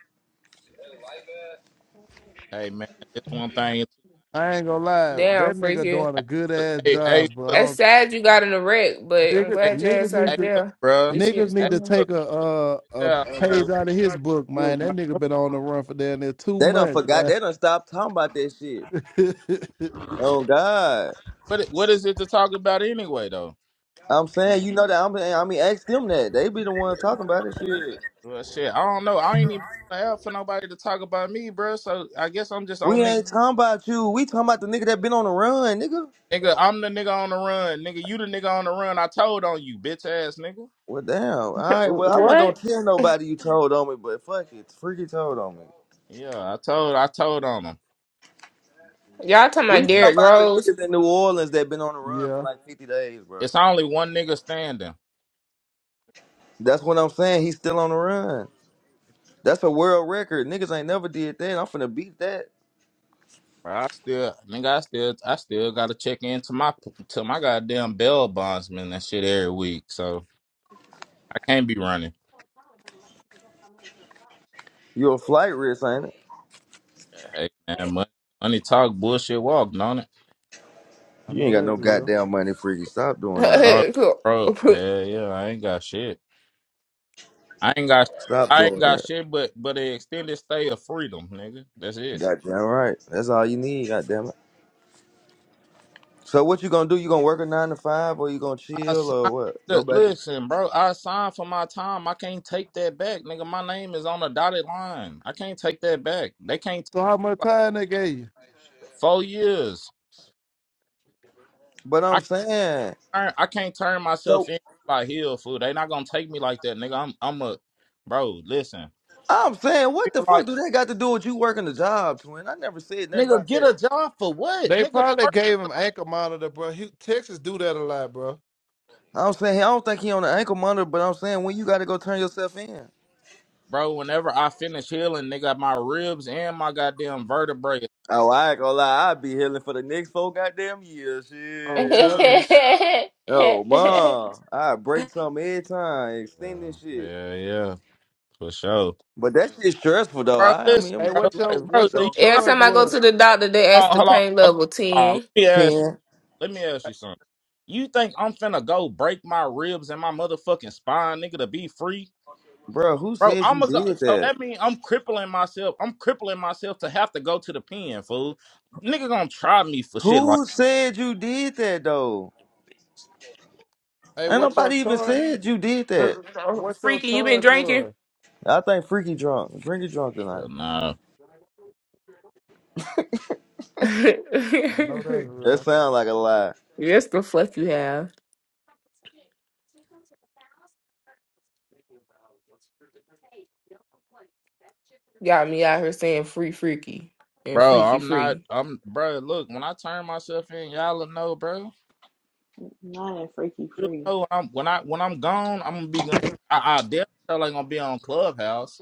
Speaker 9: Hey, man, this one thing.
Speaker 8: I ain't gonna lie.
Speaker 2: Damn,
Speaker 8: That nigga
Speaker 2: freaky.
Speaker 8: doing
Speaker 9: Hey,
Speaker 8: a good
Speaker 9: look,
Speaker 8: ass
Speaker 9: hey, hey,
Speaker 8: job, but I
Speaker 9: look,
Speaker 2: It's
Speaker 8: don't-
Speaker 2: sad you got in a wreck, but I'm
Speaker 8: niggas
Speaker 9: hey,
Speaker 2: glad your
Speaker 8: niggas
Speaker 2: ass out
Speaker 9: hey,
Speaker 8: need
Speaker 2: of
Speaker 8: to
Speaker 2: jail.
Speaker 9: look,
Speaker 2: At
Speaker 9: bro.
Speaker 2: least you get to
Speaker 8: niggas
Speaker 2: stay
Speaker 9: Hey,
Speaker 8: need to
Speaker 2: home.
Speaker 9: look,
Speaker 8: take a uh
Speaker 9: this
Speaker 8: a
Speaker 9: out, fool.
Speaker 8: page out of his book, man. That nigga been on the run for damn near two
Speaker 6: They done
Speaker 8: months,
Speaker 6: forgot.
Speaker 8: man.
Speaker 6: They done stopped talking about that shit. Oh God!
Speaker 9: What what is it to talk about anyway though?
Speaker 6: I'm saying
Speaker 8: man
Speaker 6: you know that. I'm, I mean, ask them that. They be the ones talking about this shit.
Speaker 9: Well, shit, I don't know. I ain't even have for nobody to talk about me, bro. So I guess I'm just on
Speaker 6: We
Speaker 9: nigga.
Speaker 6: ain't talking about you. We talking about the nigga that been on the run, nigga.
Speaker 9: Nigga, I'm the nigga on the run. Nigga, you the nigga on the run. I told on you, bitch ass nigga.
Speaker 6: Well, damn. All right. Well, I wasn't gonna
Speaker 2: What?
Speaker 6: tell nobody you told on me, but fuck it, freaky told on me.
Speaker 9: Yeah, I told, I told on him.
Speaker 2: Y'all talking
Speaker 6: We
Speaker 2: about
Speaker 8: I
Speaker 6: talking
Speaker 8: know.
Speaker 2: Derrick
Speaker 6: about the
Speaker 2: Rose?
Speaker 6: niggas in New Orleans that been on the run for
Speaker 8: Yeah.
Speaker 6: like 50 days, bro.
Speaker 9: It's only one nigga standing.
Speaker 6: That's what I'm saying. He's still on the run. That's a world record. Niggas ain't never did that. I'm finna beat that.
Speaker 9: Bro, I still, nigga, I still, I still gotta check into my to my goddamn bell bondsman and shit every week. So I can't be running.
Speaker 6: You a flight risk, ain't it?
Speaker 9: Hey man, money, money talk, bullshit walk, don't it?
Speaker 8: I
Speaker 6: You ain't
Speaker 8: know
Speaker 6: got no
Speaker 8: that's real.
Speaker 6: goddamn money, freaky. Stop doing all that.
Speaker 9: Bro,
Speaker 2: Every
Speaker 9: bro, hell yeah, I ain't got shit. I ain't got
Speaker 6: Stop
Speaker 9: I ain't
Speaker 6: doing
Speaker 9: got
Speaker 6: that.
Speaker 9: shit but but an extended stay of freedom, nigga. That's it.
Speaker 6: Goddamn right. That's all you need. Goddamn it. So what you gonna do? You gonna work a nine to five, or you gonna
Speaker 9: I
Speaker 6: chill, or
Speaker 9: signed,
Speaker 6: what? Go
Speaker 9: look,
Speaker 6: back. To-
Speaker 9: listen, bro. I signed for my time. I can't take that back, nigga. My name is on the dotted line. I can't take that back. They can't
Speaker 8: So how much time they gave you?
Speaker 9: four years.
Speaker 6: but
Speaker 9: I
Speaker 6: I'm saying.
Speaker 9: can't, I can't turn
Speaker 6: So
Speaker 9: myself in like hell, fool. They not gonna take me like that, nigga. I'm I'm a bro. Listen,
Speaker 6: I'm saying, what the
Speaker 9: People
Speaker 6: fuck
Speaker 9: like
Speaker 6: do that got to do with you working a job, twin? I never said nothing
Speaker 9: nigga,
Speaker 6: about
Speaker 9: get a
Speaker 6: that.
Speaker 9: job for what,
Speaker 8: They
Speaker 9: nigga?
Speaker 8: probably
Speaker 9: work.
Speaker 8: gave him ankle monitor, bro. He, Texas do that a lot, bro.
Speaker 6: I'm saying I don't think he on the ankle monitor, but I'm saying when you got to go turn yourself in.
Speaker 9: Bro, whenever I finish healing, nigga, my ribs and my goddamn vertebrae
Speaker 6: Oh, I ain't gonna lie, I'll be healing for the next four goddamn years.
Speaker 8: I'm
Speaker 6: Shit.
Speaker 8: telling
Speaker 6: Ugh.
Speaker 8: you.
Speaker 6: Oh, mom, I break something every time,
Speaker 9: Yeah,
Speaker 6: extend this shit.
Speaker 9: yeah, yeah, For sure.
Speaker 6: But that shit stressful though.
Speaker 9: Bro,
Speaker 6: I, I mean,
Speaker 9: listen,
Speaker 6: I'm
Speaker 8: Hey,
Speaker 6: just
Speaker 9: bro,
Speaker 8: what your
Speaker 9: like,
Speaker 6: wanna
Speaker 9: bro,
Speaker 8: what
Speaker 9: do
Speaker 8: your
Speaker 9: you
Speaker 6: go and get this
Speaker 8: charge
Speaker 2: time
Speaker 6: shit
Speaker 2: I
Speaker 6: over
Speaker 2: go
Speaker 6: with.
Speaker 8: was?
Speaker 2: to the doctor, they ask
Speaker 9: hold on,
Speaker 2: the
Speaker 9: hold on,
Speaker 2: pain
Speaker 9: hold
Speaker 2: level
Speaker 9: on, hold on.
Speaker 2: 10.
Speaker 9: Let me ask you.
Speaker 6: ten,
Speaker 9: Let me ask you something. You think I'm finna go break my ribs and my motherfucking spine, nigga, to be free?
Speaker 6: bro. Who
Speaker 9: Bro,
Speaker 6: said you
Speaker 9: I'ma go
Speaker 6: did
Speaker 9: so
Speaker 6: that?
Speaker 9: that means I'm crippling myself. I'm crippling myself to have to go to the pen, fool. Nigga gonna try me for shit like
Speaker 6: Who said you did that though?
Speaker 8: Hey,
Speaker 6: Ain't
Speaker 8: what your
Speaker 6: nobody even
Speaker 8: charge?
Speaker 6: said you did
Speaker 8: What
Speaker 6: that.
Speaker 8: what your
Speaker 2: Freaky, you been
Speaker 8: charge
Speaker 2: drinking?
Speaker 8: was?
Speaker 6: I think Freaky drunk. Freaky drunk tonight.
Speaker 9: Hell nah.
Speaker 2: yes,
Speaker 8: I know that's
Speaker 6: That
Speaker 8: real.
Speaker 6: sounds like a lie.
Speaker 2: the fuck you have. Got me out here saying free freaky and
Speaker 9: Bro,
Speaker 2: freaky
Speaker 9: I'm not
Speaker 2: free.
Speaker 9: I'm bro, look, when I turn myself in, y'all will know, bro.
Speaker 10: Not a freaky
Speaker 9: You
Speaker 10: free.
Speaker 9: know I'm when I when I'm gone, I'm gonna be gone. I, I damn sure ain't gonna be on Clubhouse.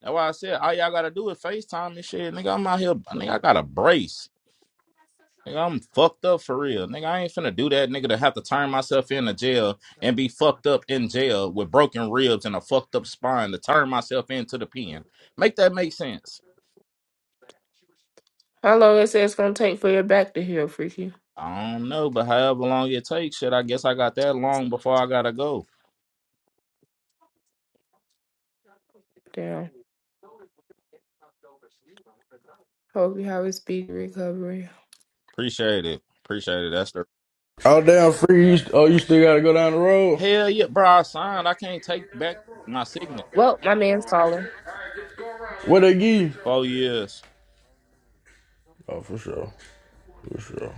Speaker 9: That's why I said all y'all gotta do is FaceTime and shit. Nigga, I'm out here. Nigga, I got a brace. Nigga, I'm fucked up for real. Nigga, I ain't finna do that. Nigga, to have to turn myself into jail and be fucked up in jail with broken ribs and a fucked up spine to turn myself into the pen. Make that make sense?
Speaker 2: How long it says it's gonna take for your back to heal, freaky?
Speaker 9: I don't know, but however long it takes, shit, I guess I got that long before I gotta go.
Speaker 2: Damn. Hope you have a speedy recovery.
Speaker 9: Appreciate it. Appreciate it, Esther.
Speaker 11: Oh damn, free! oh, you still gotta go down the road.
Speaker 9: Hell yeah, bro. I signed. I can't take back my signature.
Speaker 2: Well, my man's calling.
Speaker 11: What they give? you?
Speaker 9: Four years.
Speaker 11: Oh, for sure, for sure.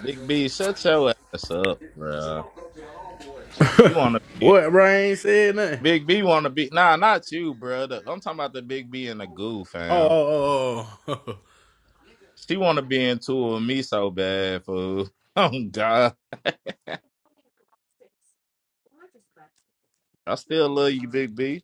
Speaker 9: Big B, shut your ass up, bro. You want to be in.
Speaker 11: What, bro? I ain't said nothing.
Speaker 9: Big B want to be nah, not you, brother. I'm talking about the Big B and the goo,
Speaker 11: Oh,
Speaker 9: fam.
Speaker 11: oh, oh. oh.
Speaker 9: She want to be in tour with me so bad, fool. Oh God, I still love you, Big B.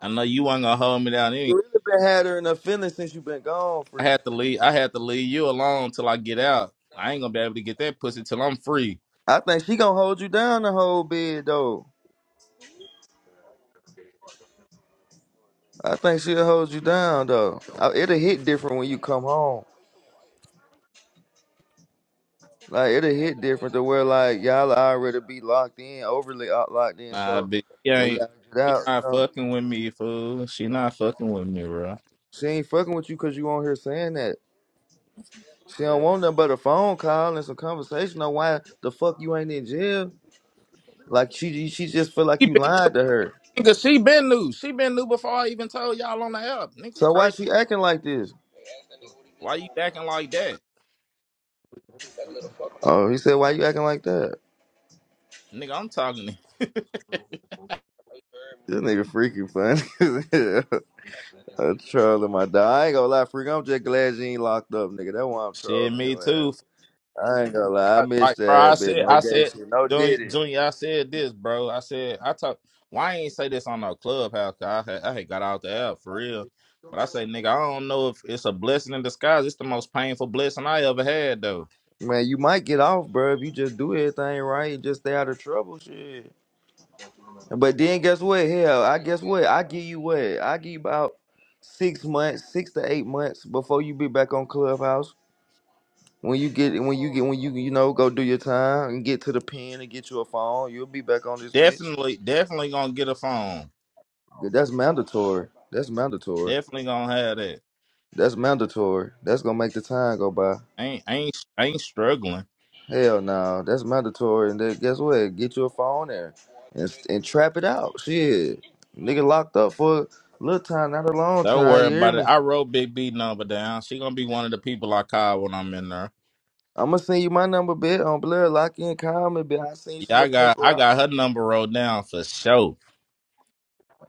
Speaker 9: I know you ain't gonna hold me down. Anyway.
Speaker 6: You really been had her in a feelings since you been gone,
Speaker 9: I
Speaker 6: Freak.
Speaker 9: had to leave. I had to leave you alone till I get out. I ain't gonna be able to get that pussy till I'm free.
Speaker 6: I think she gonna hold you down the whole bed though. I think she'll hold you down though. Uh, It'll hit different when you come home. Like it'll hit different to where like y'all already be locked in, overly out- locked in.
Speaker 9: Nah,
Speaker 6: So
Speaker 9: Big B
Speaker 6: when
Speaker 9: ain't.
Speaker 6: y'all get
Speaker 9: She
Speaker 6: out, you
Speaker 9: not
Speaker 6: know,
Speaker 9: fucking with me, fool. She not fucking with me, bro.
Speaker 6: she ain't fucking with you because you on here saying that she don't
Speaker 9: Yeah.
Speaker 6: want nothing but a phone call and some conversation on why the fuck you ain't in jail. Like she she just feel like
Speaker 9: She
Speaker 6: you
Speaker 9: been,
Speaker 6: lied to her.
Speaker 9: nigga, she been new. She been new before I even told y'all on the app. Nigga,
Speaker 6: So why
Speaker 9: crazy.
Speaker 6: she acting like this?
Speaker 9: Why you acting like that?
Speaker 6: Oh, he said, why you acting like that?
Speaker 9: Nigga, I'm talking to you.
Speaker 6: This nigga freaking funny. I'm trolling my dog. I ain't gonna lie, freak. I'm just glad you ain't locked up, nigga. That's why I'm
Speaker 9: Shit,
Speaker 6: trolling
Speaker 9: me
Speaker 6: your
Speaker 9: too.
Speaker 6: ass. I ain't gonna lie, I
Speaker 9: I, like,
Speaker 6: missed
Speaker 9: bro, I
Speaker 6: that bit.
Speaker 9: said,
Speaker 6: No
Speaker 9: I
Speaker 6: gay
Speaker 9: said,
Speaker 6: shit, no
Speaker 9: Junior,
Speaker 6: did it.
Speaker 9: Junior, I said this, bro. I said, I talk. Why I ain't say this on no clubhouse? 'cause I had, I had got out the app for real. But I say, nigga, I don't know if it's a blessing in disguise. It's the most painful blessing I ever had, though.
Speaker 6: Man, you might get off, bro, if you just do everything right and just stay out of trouble, shit. But then guess what? Hell, I guess what? I give you what? I give you about six months, six to eight months before you be back on Clubhouse. When you get, when you get, when you you know go do your time and get to the pen and get you a phone, you'll be back on this bitch.
Speaker 9: Definitely, definitely gonna get a phone.
Speaker 6: That's mandatory. That's mandatory.
Speaker 9: Definitely gonna have that.
Speaker 6: That's mandatory. That's gonna make the time go by.
Speaker 9: Ain't ain't ain't struggling.
Speaker 6: Hell no, that's mandatory. And then guess what? Get you a phone and and, and trap it out. Shit, nigga locked up for a little time, not a long
Speaker 9: Don't
Speaker 6: time.
Speaker 9: worry
Speaker 6: You hear
Speaker 9: about it.
Speaker 6: me?
Speaker 9: I wrote Big B number down. She gonna be one of the people I call when I'm in there.
Speaker 6: I'ma send you my number, bit on blood. Lock in, call me, bit. I send you some
Speaker 9: Yeah,
Speaker 6: little
Speaker 9: I got I
Speaker 6: paper out.
Speaker 9: got her number wrote down for sure.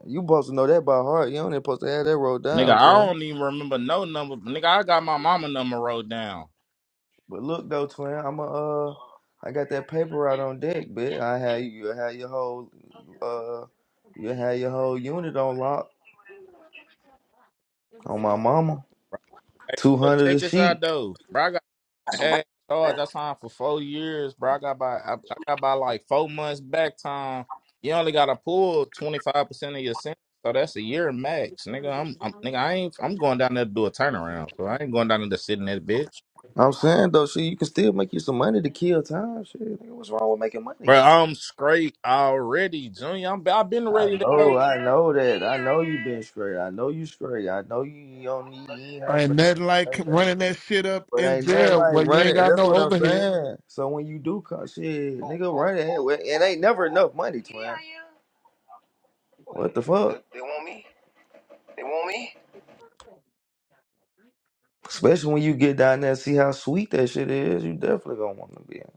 Speaker 6: You supposed to know that by heart. You only supposed to have that rolled
Speaker 9: Nigga,
Speaker 6: down,
Speaker 9: I
Speaker 6: twin.
Speaker 9: don't even remember no number. Nigga, I got my mama number wrote down.
Speaker 6: But look though, twin, I'ma uh, I got that paper out on deck, bit. I have you, you have your whole uh, you have your whole unit on lock on my mama.
Speaker 9: Hey,
Speaker 6: Two
Speaker 9: look,
Speaker 6: hundred
Speaker 9: check
Speaker 6: a
Speaker 9: this out
Speaker 6: sheet.
Speaker 9: though. Bro, I got my ass charged. I signed for four years, bro. I got by I, I got by like four months back time. You only gotta pull twenty five percent of your sentence. So that's a year max. Nigga, I'm, I'm nigga, I ain't I'm going down there to do a turnaround. So I ain't going down there to sit in that bitch.
Speaker 6: I'm saying though, shit, you can still make you some money to kill time. Shit, nigga, what's wrong with making money?
Speaker 9: Bro, I'm straight already, Junior. I'm I've been ready
Speaker 6: I
Speaker 9: to go.
Speaker 6: know, I know that. I know you been straight. I know you straight. I know you don't need you ain't her
Speaker 8: Ain't
Speaker 6: for
Speaker 8: nothing like
Speaker 6: nothing.
Speaker 8: running that shit up
Speaker 6: But
Speaker 8: in
Speaker 6: ain't nothing
Speaker 8: jail
Speaker 6: like
Speaker 8: where you ain't
Speaker 6: running.
Speaker 8: got
Speaker 6: That's
Speaker 8: no
Speaker 6: what I'm
Speaker 8: overhead.
Speaker 6: saying. So when you do come, shit, nigga, run it. It ain't never enough money, twin. What the fuck? Especially when you get down there and see how sweet that shit is, you definitely gonna want to be in.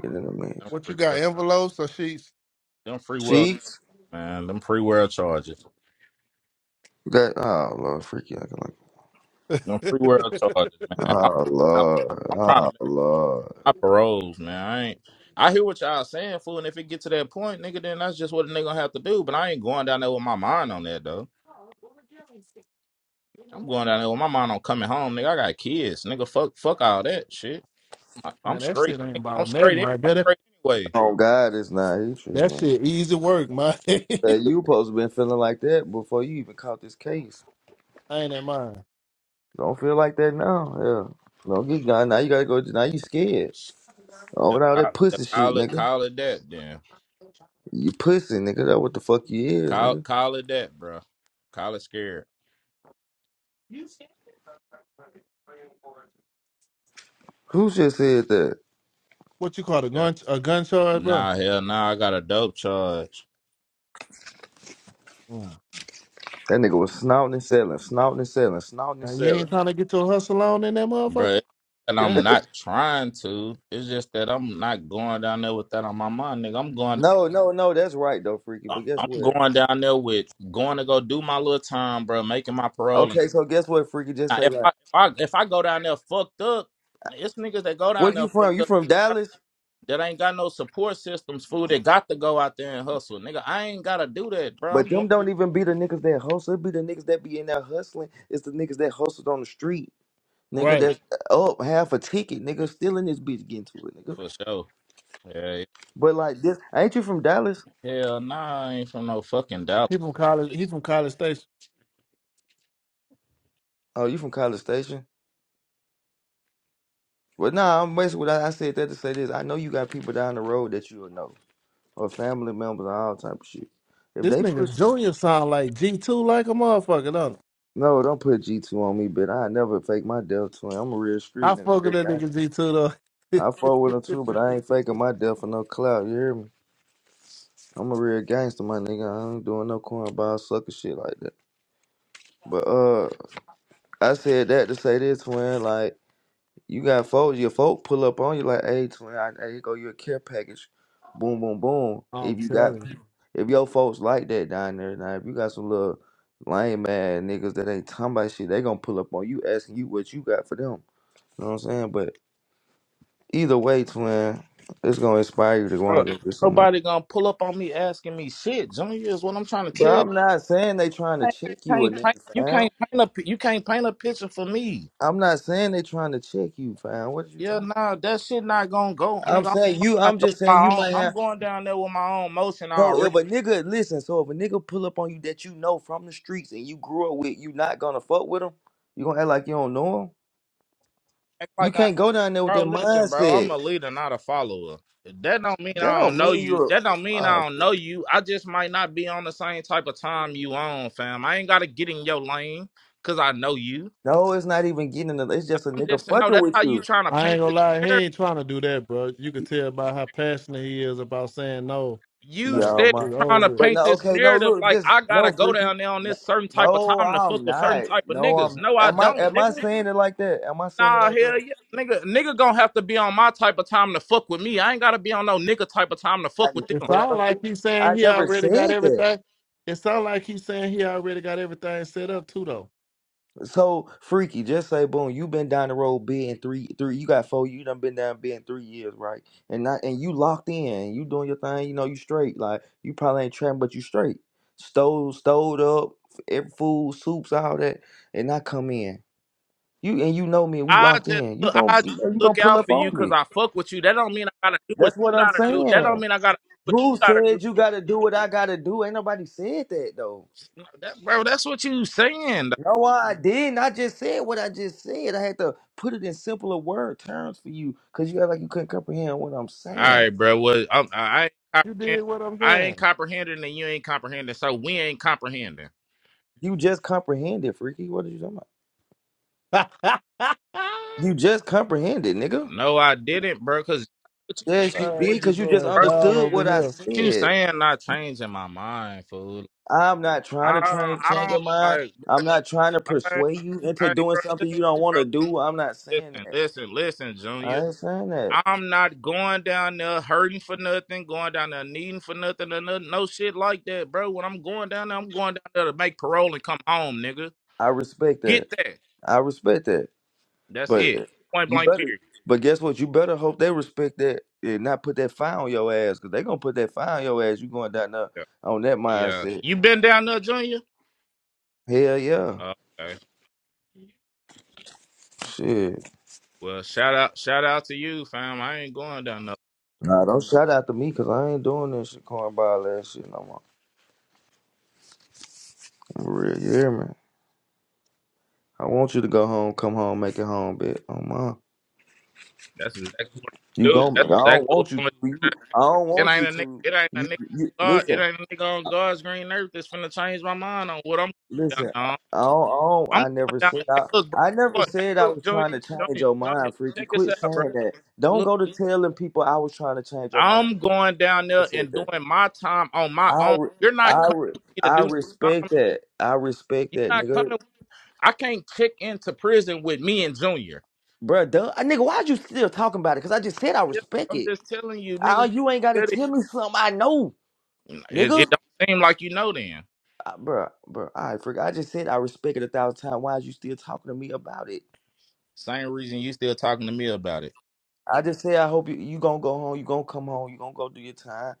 Speaker 6: Get in the
Speaker 9: I'm
Speaker 6: mix.
Speaker 8: What you
Speaker 9: free
Speaker 8: got,
Speaker 9: will.
Speaker 8: envelopes or sheets?
Speaker 9: Them free will
Speaker 6: Sheets.
Speaker 9: man. Them free world charges.
Speaker 6: That oh lord, freaky. acting like.
Speaker 9: Them
Speaker 8: Man,
Speaker 9: free world charges, man. I'm,
Speaker 6: Oh
Speaker 9: I'm,
Speaker 6: Lord,
Speaker 9: I'm trying to
Speaker 6: oh
Speaker 9: make. I'm trying to
Speaker 6: Lord.
Speaker 9: make my paroles, man. I ain't. I hear what y'all saying, fool. And if it get to that point, nigga, then that's just what a nigga gonna have to do. But I ain't going down there with my mind on that though. I'm going down there with my mind on coming home, nigga. I got kids, nigga. Fuck, fuck all that shit. I, I'm
Speaker 8: that shit
Speaker 9: straight.
Speaker 8: ain't
Speaker 9: any- I'm
Speaker 8: about
Speaker 9: straight.
Speaker 8: nothing
Speaker 9: any-
Speaker 8: right
Speaker 9: I'm
Speaker 8: there. That,
Speaker 9: straight anyway.
Speaker 6: Oh God, it's not he
Speaker 8: that shit easy work, man. I
Speaker 6: Hey, you supposed to been feeling like that before you even caught this case.
Speaker 8: ain't it mine?
Speaker 6: Don't feel like that now. Yeah. Don't get gone. Now you gotta go. Now you scared. Oh,
Speaker 9: Yeah,
Speaker 6: with all
Speaker 9: I-
Speaker 6: that
Speaker 9: yeah,
Speaker 6: pussy shit,
Speaker 9: Call it,
Speaker 6: nigga.
Speaker 9: call it that, then.
Speaker 6: You pussy, nigga. That what the fuck you is,
Speaker 9: Call,
Speaker 6: nigga.
Speaker 9: call it that, bro. Call it scared. You scared?
Speaker 6: Who just said that?
Speaker 8: What you call it? A gun, a gun charge, bro?
Speaker 9: Nah, hell, nah, I got a dope charge,
Speaker 8: Mm.
Speaker 6: That nigga was snouting and selling, snouting and selling, snouting
Speaker 8: Now,
Speaker 6: and
Speaker 8: you ain't
Speaker 6: selling.
Speaker 8: trying to get your hustle on in that
Speaker 9: bruh.
Speaker 8: motherfucker?
Speaker 9: And I'm
Speaker 8: Damn.
Speaker 9: not trying to. It's just that I'm not going down there with that on my mind, nigga. I'm going,
Speaker 6: No, no, no. That's right though, freaky.
Speaker 9: I-
Speaker 6: But guess
Speaker 9: I'm
Speaker 6: what?
Speaker 9: going down there with going to go do my little time, bro, making my parole. And
Speaker 6: Okay, so guess what, freaky? Just
Speaker 9: now,
Speaker 6: say
Speaker 9: if
Speaker 6: like,
Speaker 9: I, if I, if I go down there fucked up, it's niggas that go down
Speaker 6: where
Speaker 9: there
Speaker 6: you from?
Speaker 9: fucked
Speaker 6: You
Speaker 9: up
Speaker 6: from Dallas?
Speaker 9: that ain't got no support systems, fool. That got to go out there and hustle, nigga. I ain't gotta do that, bro.
Speaker 6: But
Speaker 9: I'm going
Speaker 6: them don't even be the niggas that hustle. It be the niggas that be in there hustling. It's the niggas that hustled on the street. Nigga
Speaker 8: Right.
Speaker 6: that's up half a ticket. Nigga Still in this bitch getting to it, nigga.
Speaker 9: for sure. Yeah,
Speaker 6: But like this, ain't you from Dallas?
Speaker 9: hell, nah, I ain't from no fucking Dallas.
Speaker 8: He from college. He from College Station.
Speaker 6: Oh, you from College Station? Well, nah, I'm basically, I I said that to say this. I know you got people down the road that you'll know, or family members, and all type of shit. If
Speaker 8: This
Speaker 6: they push,
Speaker 8: nigga Junior sound like G two like a motherfucker, don't it?
Speaker 6: no, don't put G2 on me, but I never fake my death to him. I'm a real street
Speaker 8: I fuck with that
Speaker 6: nigga.
Speaker 8: nigga G two
Speaker 6: I, I fuck with him too, but
Speaker 8: though.
Speaker 6: I ain't faking my death for no clout. You hear me? I'm a real gangster, my nigga. I ain't doing no cornball sucker shit like that. But uh, I said that to say this, twin. Like you got folks, your folk pull up on you like, hey, twin, I, hey, here go your care package. Boom, boom, boom.
Speaker 8: I'm
Speaker 6: If you got,
Speaker 8: telling. you.
Speaker 6: pe- if your folks like that down there, now if you got some little lame ass niggas that ain't talking about shit, they gonna pull up on you asking you what you got for them. You know what I'm saying? But either way, twin, it's gonna inspire you to
Speaker 9: Bro,
Speaker 6: want
Speaker 9: ain't
Speaker 6: to go get some money.
Speaker 9: nobody gonna pull up on me asking me shit. Junior is what I'm trying to
Speaker 6: But
Speaker 9: tell you.
Speaker 6: I'm not saying they trying to check you or
Speaker 9: Can't paint,
Speaker 6: nothing,
Speaker 9: you
Speaker 6: fam.
Speaker 9: can't paint a pi- you can't paint a picture for me.
Speaker 6: I'm not saying they trying to check you, fam. What are you
Speaker 9: Yeah,
Speaker 6: talking
Speaker 9: nah, that shit not gonna go,
Speaker 6: about? I'm
Speaker 9: nigga.
Speaker 6: saying you.
Speaker 9: I'm going down
Speaker 6: I'm
Speaker 9: there with
Speaker 6: just saying you
Speaker 9: my own.
Speaker 6: might
Speaker 9: I'm
Speaker 6: have.
Speaker 9: going down there with my own motion
Speaker 6: So if
Speaker 9: already.
Speaker 6: a nigga listen, so if a nigga pull up on you that you know from the streets and you grew up with, you not gonna fuck with him. You gonna act like you don't know him.
Speaker 9: Act
Speaker 6: You
Speaker 9: like I,
Speaker 6: can't go down there with
Speaker 9: bro.
Speaker 6: that
Speaker 9: Listen, bro. I'm a
Speaker 6: mindset.
Speaker 9: leader, not a follower. That don't mean
Speaker 6: That
Speaker 9: I don't
Speaker 6: don't
Speaker 9: know
Speaker 6: mean
Speaker 9: you.
Speaker 6: you're.
Speaker 9: That don't mean
Speaker 6: Uh,
Speaker 9: I don't know you. I just might not be on the same type of time you on, fam. I ain't gotta get in your lane because I know you.
Speaker 6: no, it's not even getting. In the, it's just a
Speaker 9: I'm
Speaker 6: nigga
Speaker 9: just no.
Speaker 6: fucking
Speaker 9: That's how
Speaker 6: with
Speaker 9: you
Speaker 6: you.
Speaker 9: trying to
Speaker 8: I
Speaker 9: paint
Speaker 8: ain't gonna lie, he
Speaker 9: this.
Speaker 8: ain't trying to do that, bro. You could tell by how passionate he is about saying no.
Speaker 9: you
Speaker 8: Like
Speaker 6: Yo,
Speaker 9: steady
Speaker 8: it's
Speaker 6: man.
Speaker 8: over
Speaker 9: trying to
Speaker 8: with.
Speaker 6: But
Speaker 9: paint
Speaker 6: no,
Speaker 9: this
Speaker 6: okay, no.
Speaker 9: narrative
Speaker 6: Look,
Speaker 9: like
Speaker 6: just
Speaker 9: I gotta
Speaker 6: no,
Speaker 9: go
Speaker 6: freaky.
Speaker 9: down there on
Speaker 6: No,
Speaker 9: this certain type of
Speaker 6: no,
Speaker 9: time to
Speaker 6: I'm
Speaker 9: fuck with certain
Speaker 6: not.
Speaker 9: type of
Speaker 6: No,
Speaker 9: niggas.
Speaker 6: I'm.
Speaker 9: No, I
Speaker 6: Am I?
Speaker 9: don't,
Speaker 6: Am I
Speaker 9: nigga.
Speaker 6: saying it like that? Am I saying it
Speaker 9: Nah,
Speaker 6: like that?
Speaker 9: hell yeah, nigga. Nigga gonna have to be on my type of time to fuck with me. I ain't gotta be on no nigga type of time to
Speaker 6: I,
Speaker 9: fuck with
Speaker 8: It
Speaker 9: them.
Speaker 6: bro,
Speaker 8: sound like he's
Speaker 6: I
Speaker 8: saying he
Speaker 6: never
Speaker 8: already got
Speaker 6: said that.
Speaker 8: everything. It sound like he's saying he already got everything set up too, though.
Speaker 6: So freaky, just say boom. you been down the road being three, three. You got four. You done been down being three years, right? And not, and you locked in. You doing your thing. You know you straight. Like you probably ain't trapping, but you straight. Stole, stowed up, every food, soups, all that, and I come in. You and you know me. We
Speaker 9: I
Speaker 6: locked
Speaker 9: just
Speaker 6: in. You
Speaker 9: look,
Speaker 6: gon'
Speaker 9: I just
Speaker 6: you know you gonna
Speaker 9: look
Speaker 6: pull
Speaker 9: out
Speaker 6: up
Speaker 9: for you
Speaker 6: on
Speaker 9: because
Speaker 6: me.
Speaker 9: I fuck with you. That don't mean I gotta do what
Speaker 6: That's what
Speaker 9: you
Speaker 6: I'm
Speaker 9: gotta do. That don't
Speaker 6: saying.
Speaker 9: mean I gotta do what
Speaker 6: Who
Speaker 9: you gotta do.
Speaker 6: said you gotta do what I gotta do? Ain't nobody said that though.
Speaker 9: That- bro, that's what you saying.
Speaker 6: No, I didn't. I just said what I just said. I had to put it in simpler word terms for you because you act like you couldn't comprehend what I'm
Speaker 9: All
Speaker 6: saying.
Speaker 9: right, bro. Well, I'm, I ain't
Speaker 8: You
Speaker 9: comprehend-
Speaker 8: did what I'm
Speaker 9: I ain't
Speaker 8: saying.
Speaker 9: comprehending, and you ain't comprehending, so we ain't comprehending.
Speaker 6: You just comprehended, freaky. What are you talking about?
Speaker 8: All right,
Speaker 6: You just comprehended, nigga.
Speaker 9: No, I didn't, bro. Cause what you
Speaker 6: Yes, you
Speaker 9: saying,
Speaker 6: did
Speaker 8: it
Speaker 9: what you,
Speaker 8: be
Speaker 6: because you just
Speaker 8: going
Speaker 9: bro? What
Speaker 8: down
Speaker 6: understood
Speaker 8: over
Speaker 6: what I
Speaker 8: here.
Speaker 9: you
Speaker 6: said.
Speaker 9: saying not changing my mind, fool?
Speaker 6: I'm not trying
Speaker 9: I
Speaker 6: to try
Speaker 9: don't, I
Speaker 6: change your
Speaker 9: don't
Speaker 6: mind.
Speaker 9: like,
Speaker 6: I'm not trying to
Speaker 9: bro. I,
Speaker 6: persuade you into
Speaker 9: I,
Speaker 6: doing
Speaker 9: bro,
Speaker 6: something
Speaker 9: listen,
Speaker 6: you don't want
Speaker 9: bro,
Speaker 6: to do. I'm not saying
Speaker 9: listen,
Speaker 6: that.
Speaker 9: listen, listen, Junior.
Speaker 6: I ain't saying that.
Speaker 9: I'm not going down there hurting for nothing, going down there needing for nothing, or no, no shit like that, bro. When I'm going down there, I'm going down there to make parole and come home, nigga.
Speaker 6: I respect that.
Speaker 9: Get that.
Speaker 6: I respect that.
Speaker 9: That's
Speaker 6: But
Speaker 9: it.
Speaker 6: eh,
Speaker 9: Point
Speaker 6: you
Speaker 9: blank.
Speaker 6: better.
Speaker 9: Period.
Speaker 6: But guess what? You better hope they respect that and not put that fire on your ass, cause they gonna put that fire on your ass. You going down there
Speaker 9: Yeah.
Speaker 6: on that
Speaker 9: yeah.
Speaker 6: mindset?
Speaker 9: You been down there, Junior?
Speaker 6: Hell yeah,
Speaker 9: Oh, Okay.
Speaker 6: shit.
Speaker 9: Well, shout out, shout out to you, fam. I ain't going down no.
Speaker 6: Nah, don't shout out to me, cause I ain't doing this shit, cornball ass shit no more. For real, you hear me? I want you to go home, come home, make it home, bitch. Oh my,
Speaker 9: That's exactly what I
Speaker 6: you
Speaker 9: do.
Speaker 6: gon' I
Speaker 9: That's
Speaker 6: don't
Speaker 9: exactly what
Speaker 6: want you
Speaker 9: I'm
Speaker 6: to.
Speaker 9: gonna
Speaker 6: You, I don't
Speaker 9: do. It
Speaker 6: want
Speaker 9: ain't
Speaker 6: you
Speaker 9: a
Speaker 6: to.
Speaker 9: nigga. It ain't
Speaker 6: You,
Speaker 9: a nigga.
Speaker 6: you
Speaker 9: God, it
Speaker 6: listen.
Speaker 9: ain't a nigga on God's green earth that's finna change my mind on what I'm going down
Speaker 6: Listen,
Speaker 9: on.
Speaker 6: I don't, I, don't,
Speaker 9: I'm going
Speaker 6: I never
Speaker 9: down.
Speaker 6: said
Speaker 9: Hey,
Speaker 6: I,
Speaker 9: look, bro.
Speaker 6: I never
Speaker 9: Look, hey,
Speaker 6: said I
Speaker 9: look,
Speaker 6: was
Speaker 9: Junior,
Speaker 6: trying to change
Speaker 9: Junior,
Speaker 6: your
Speaker 9: Junior.
Speaker 6: mind, freaky.
Speaker 9: Check this
Speaker 6: Quit
Speaker 9: out, bro.
Speaker 6: saying that. Don't
Speaker 9: Look,
Speaker 6: go to telling people I was trying to change your mind.
Speaker 9: I'm
Speaker 6: I
Speaker 9: going down there
Speaker 6: never said
Speaker 9: and
Speaker 6: that.
Speaker 9: doing my time on my
Speaker 6: I
Speaker 9: own.
Speaker 6: re-
Speaker 9: You're not
Speaker 6: I
Speaker 9: coming
Speaker 6: re-
Speaker 9: with me to
Speaker 6: I
Speaker 9: do no
Speaker 6: respect
Speaker 9: time.
Speaker 6: that. I respect
Speaker 9: You're
Speaker 6: that,
Speaker 9: not
Speaker 6: nigga.
Speaker 9: coming. I can't check into prison with me and Junior.
Speaker 6: Bruh, duh, I, nigga, why'd you still talking about it? Cause I just said I
Speaker 9: Yeah,
Speaker 6: respect
Speaker 9: I'm
Speaker 6: it.
Speaker 9: just telling you,
Speaker 6: Oh, you ain't gotta
Speaker 9: nigga.
Speaker 6: tell me something I know,
Speaker 9: It,
Speaker 6: nigga.
Speaker 9: it don't seem like you know then.
Speaker 6: Uh, bruh, bruh, all right, freak. I just said I respect it a thousand times. Why is you still talking to me about it?
Speaker 9: Same reason you still talking to me about it.
Speaker 6: I just say I hope you you gonna go home, you gonna come home, you gonna go do your time.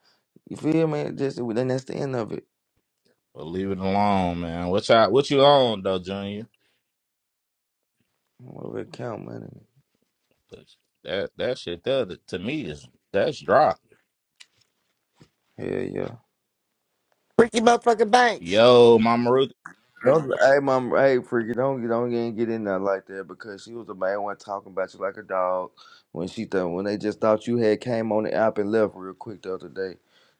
Speaker 6: You feel me? Just well, then that's the end of it.
Speaker 9: But leave it alone, man. What you what you on though, Junior?
Speaker 6: Whatever it count, man.
Speaker 9: 'Cause That that shit there that- to me is that's drop.
Speaker 6: Hell yeah.
Speaker 12: Ricky motherfucking Banks.
Speaker 9: Yo, Mama Ruth,
Speaker 6: Don't, hey, mom, hey, freaky, don't get don't get get in there like that because she was the main one talking about you like a dog when she thought when they just thought you had came on the app and left real quick the other day.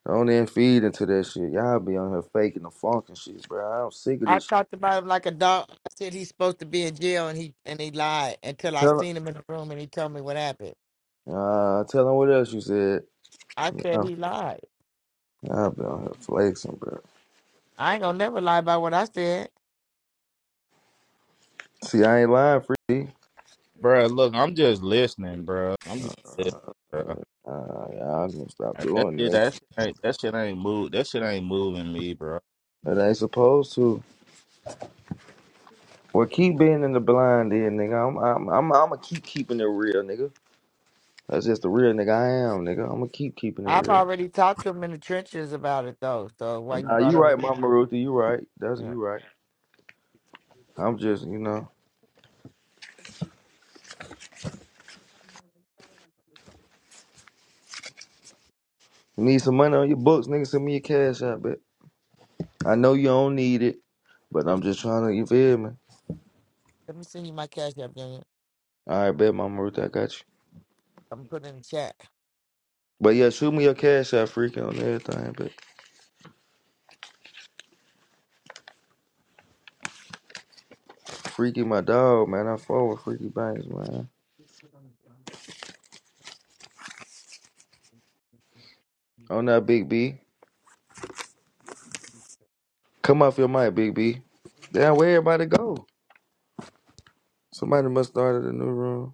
Speaker 6: Don't then feed into that shit. Y'all be on here faking the funk and shit, bro. I'm sick of
Speaker 12: I
Speaker 6: this. Shit.
Speaker 12: talked about him like a dog. I said he's supposed to be in jail and he and he lied until I
Speaker 6: Tell
Speaker 12: seen him in the room and he told me what happened.
Speaker 6: her, uh, tell her what else you said.
Speaker 12: I said
Speaker 6: Oh,
Speaker 12: he lied.
Speaker 6: y'all be on here flexing, bro.
Speaker 12: I ain't gonna never lie about what I said.
Speaker 6: See, I ain't lying, freaky.
Speaker 9: bro. Look, I'm just listening, bro. I'm just listening, bro.
Speaker 6: Uh, y'all gonna stop
Speaker 9: That
Speaker 6: doing
Speaker 9: shit,
Speaker 6: this.
Speaker 9: that, ain't that shit ain't move. That shit ain't moving me, bro.
Speaker 6: It ain't supposed to. Well, keep being in the blind, then, nigga. I'm, I'm, I'm, I'm gonna keep keeping it real, nigga. That's just the real nigga I am, nigga. I'm gonna keep keeping it
Speaker 12: I've
Speaker 6: real.
Speaker 12: already talked to him in the trenches about it though. So why you
Speaker 6: Nah,
Speaker 12: brought
Speaker 6: you
Speaker 12: up
Speaker 6: right, Mama Ruthie. You right. That's
Speaker 12: yeah.
Speaker 6: you right. I'm just, you know, you need some money on your books, nigga. Send me your cash out, bet. I know you don't need it, but I'm just trying to. You feel me?
Speaker 12: Let me send you my cash app, Junior.
Speaker 6: All right, bet, Mama Ruthie. I got you.
Speaker 12: I'm putting it in the chat.
Speaker 6: But yeah, shoot me your cash out, freaky on everything, but freaky my dog, man. I fuck with freaky banks, man. On that big B. Come off your mic, Big B. Damn, where everybody go? Somebody must start a new room.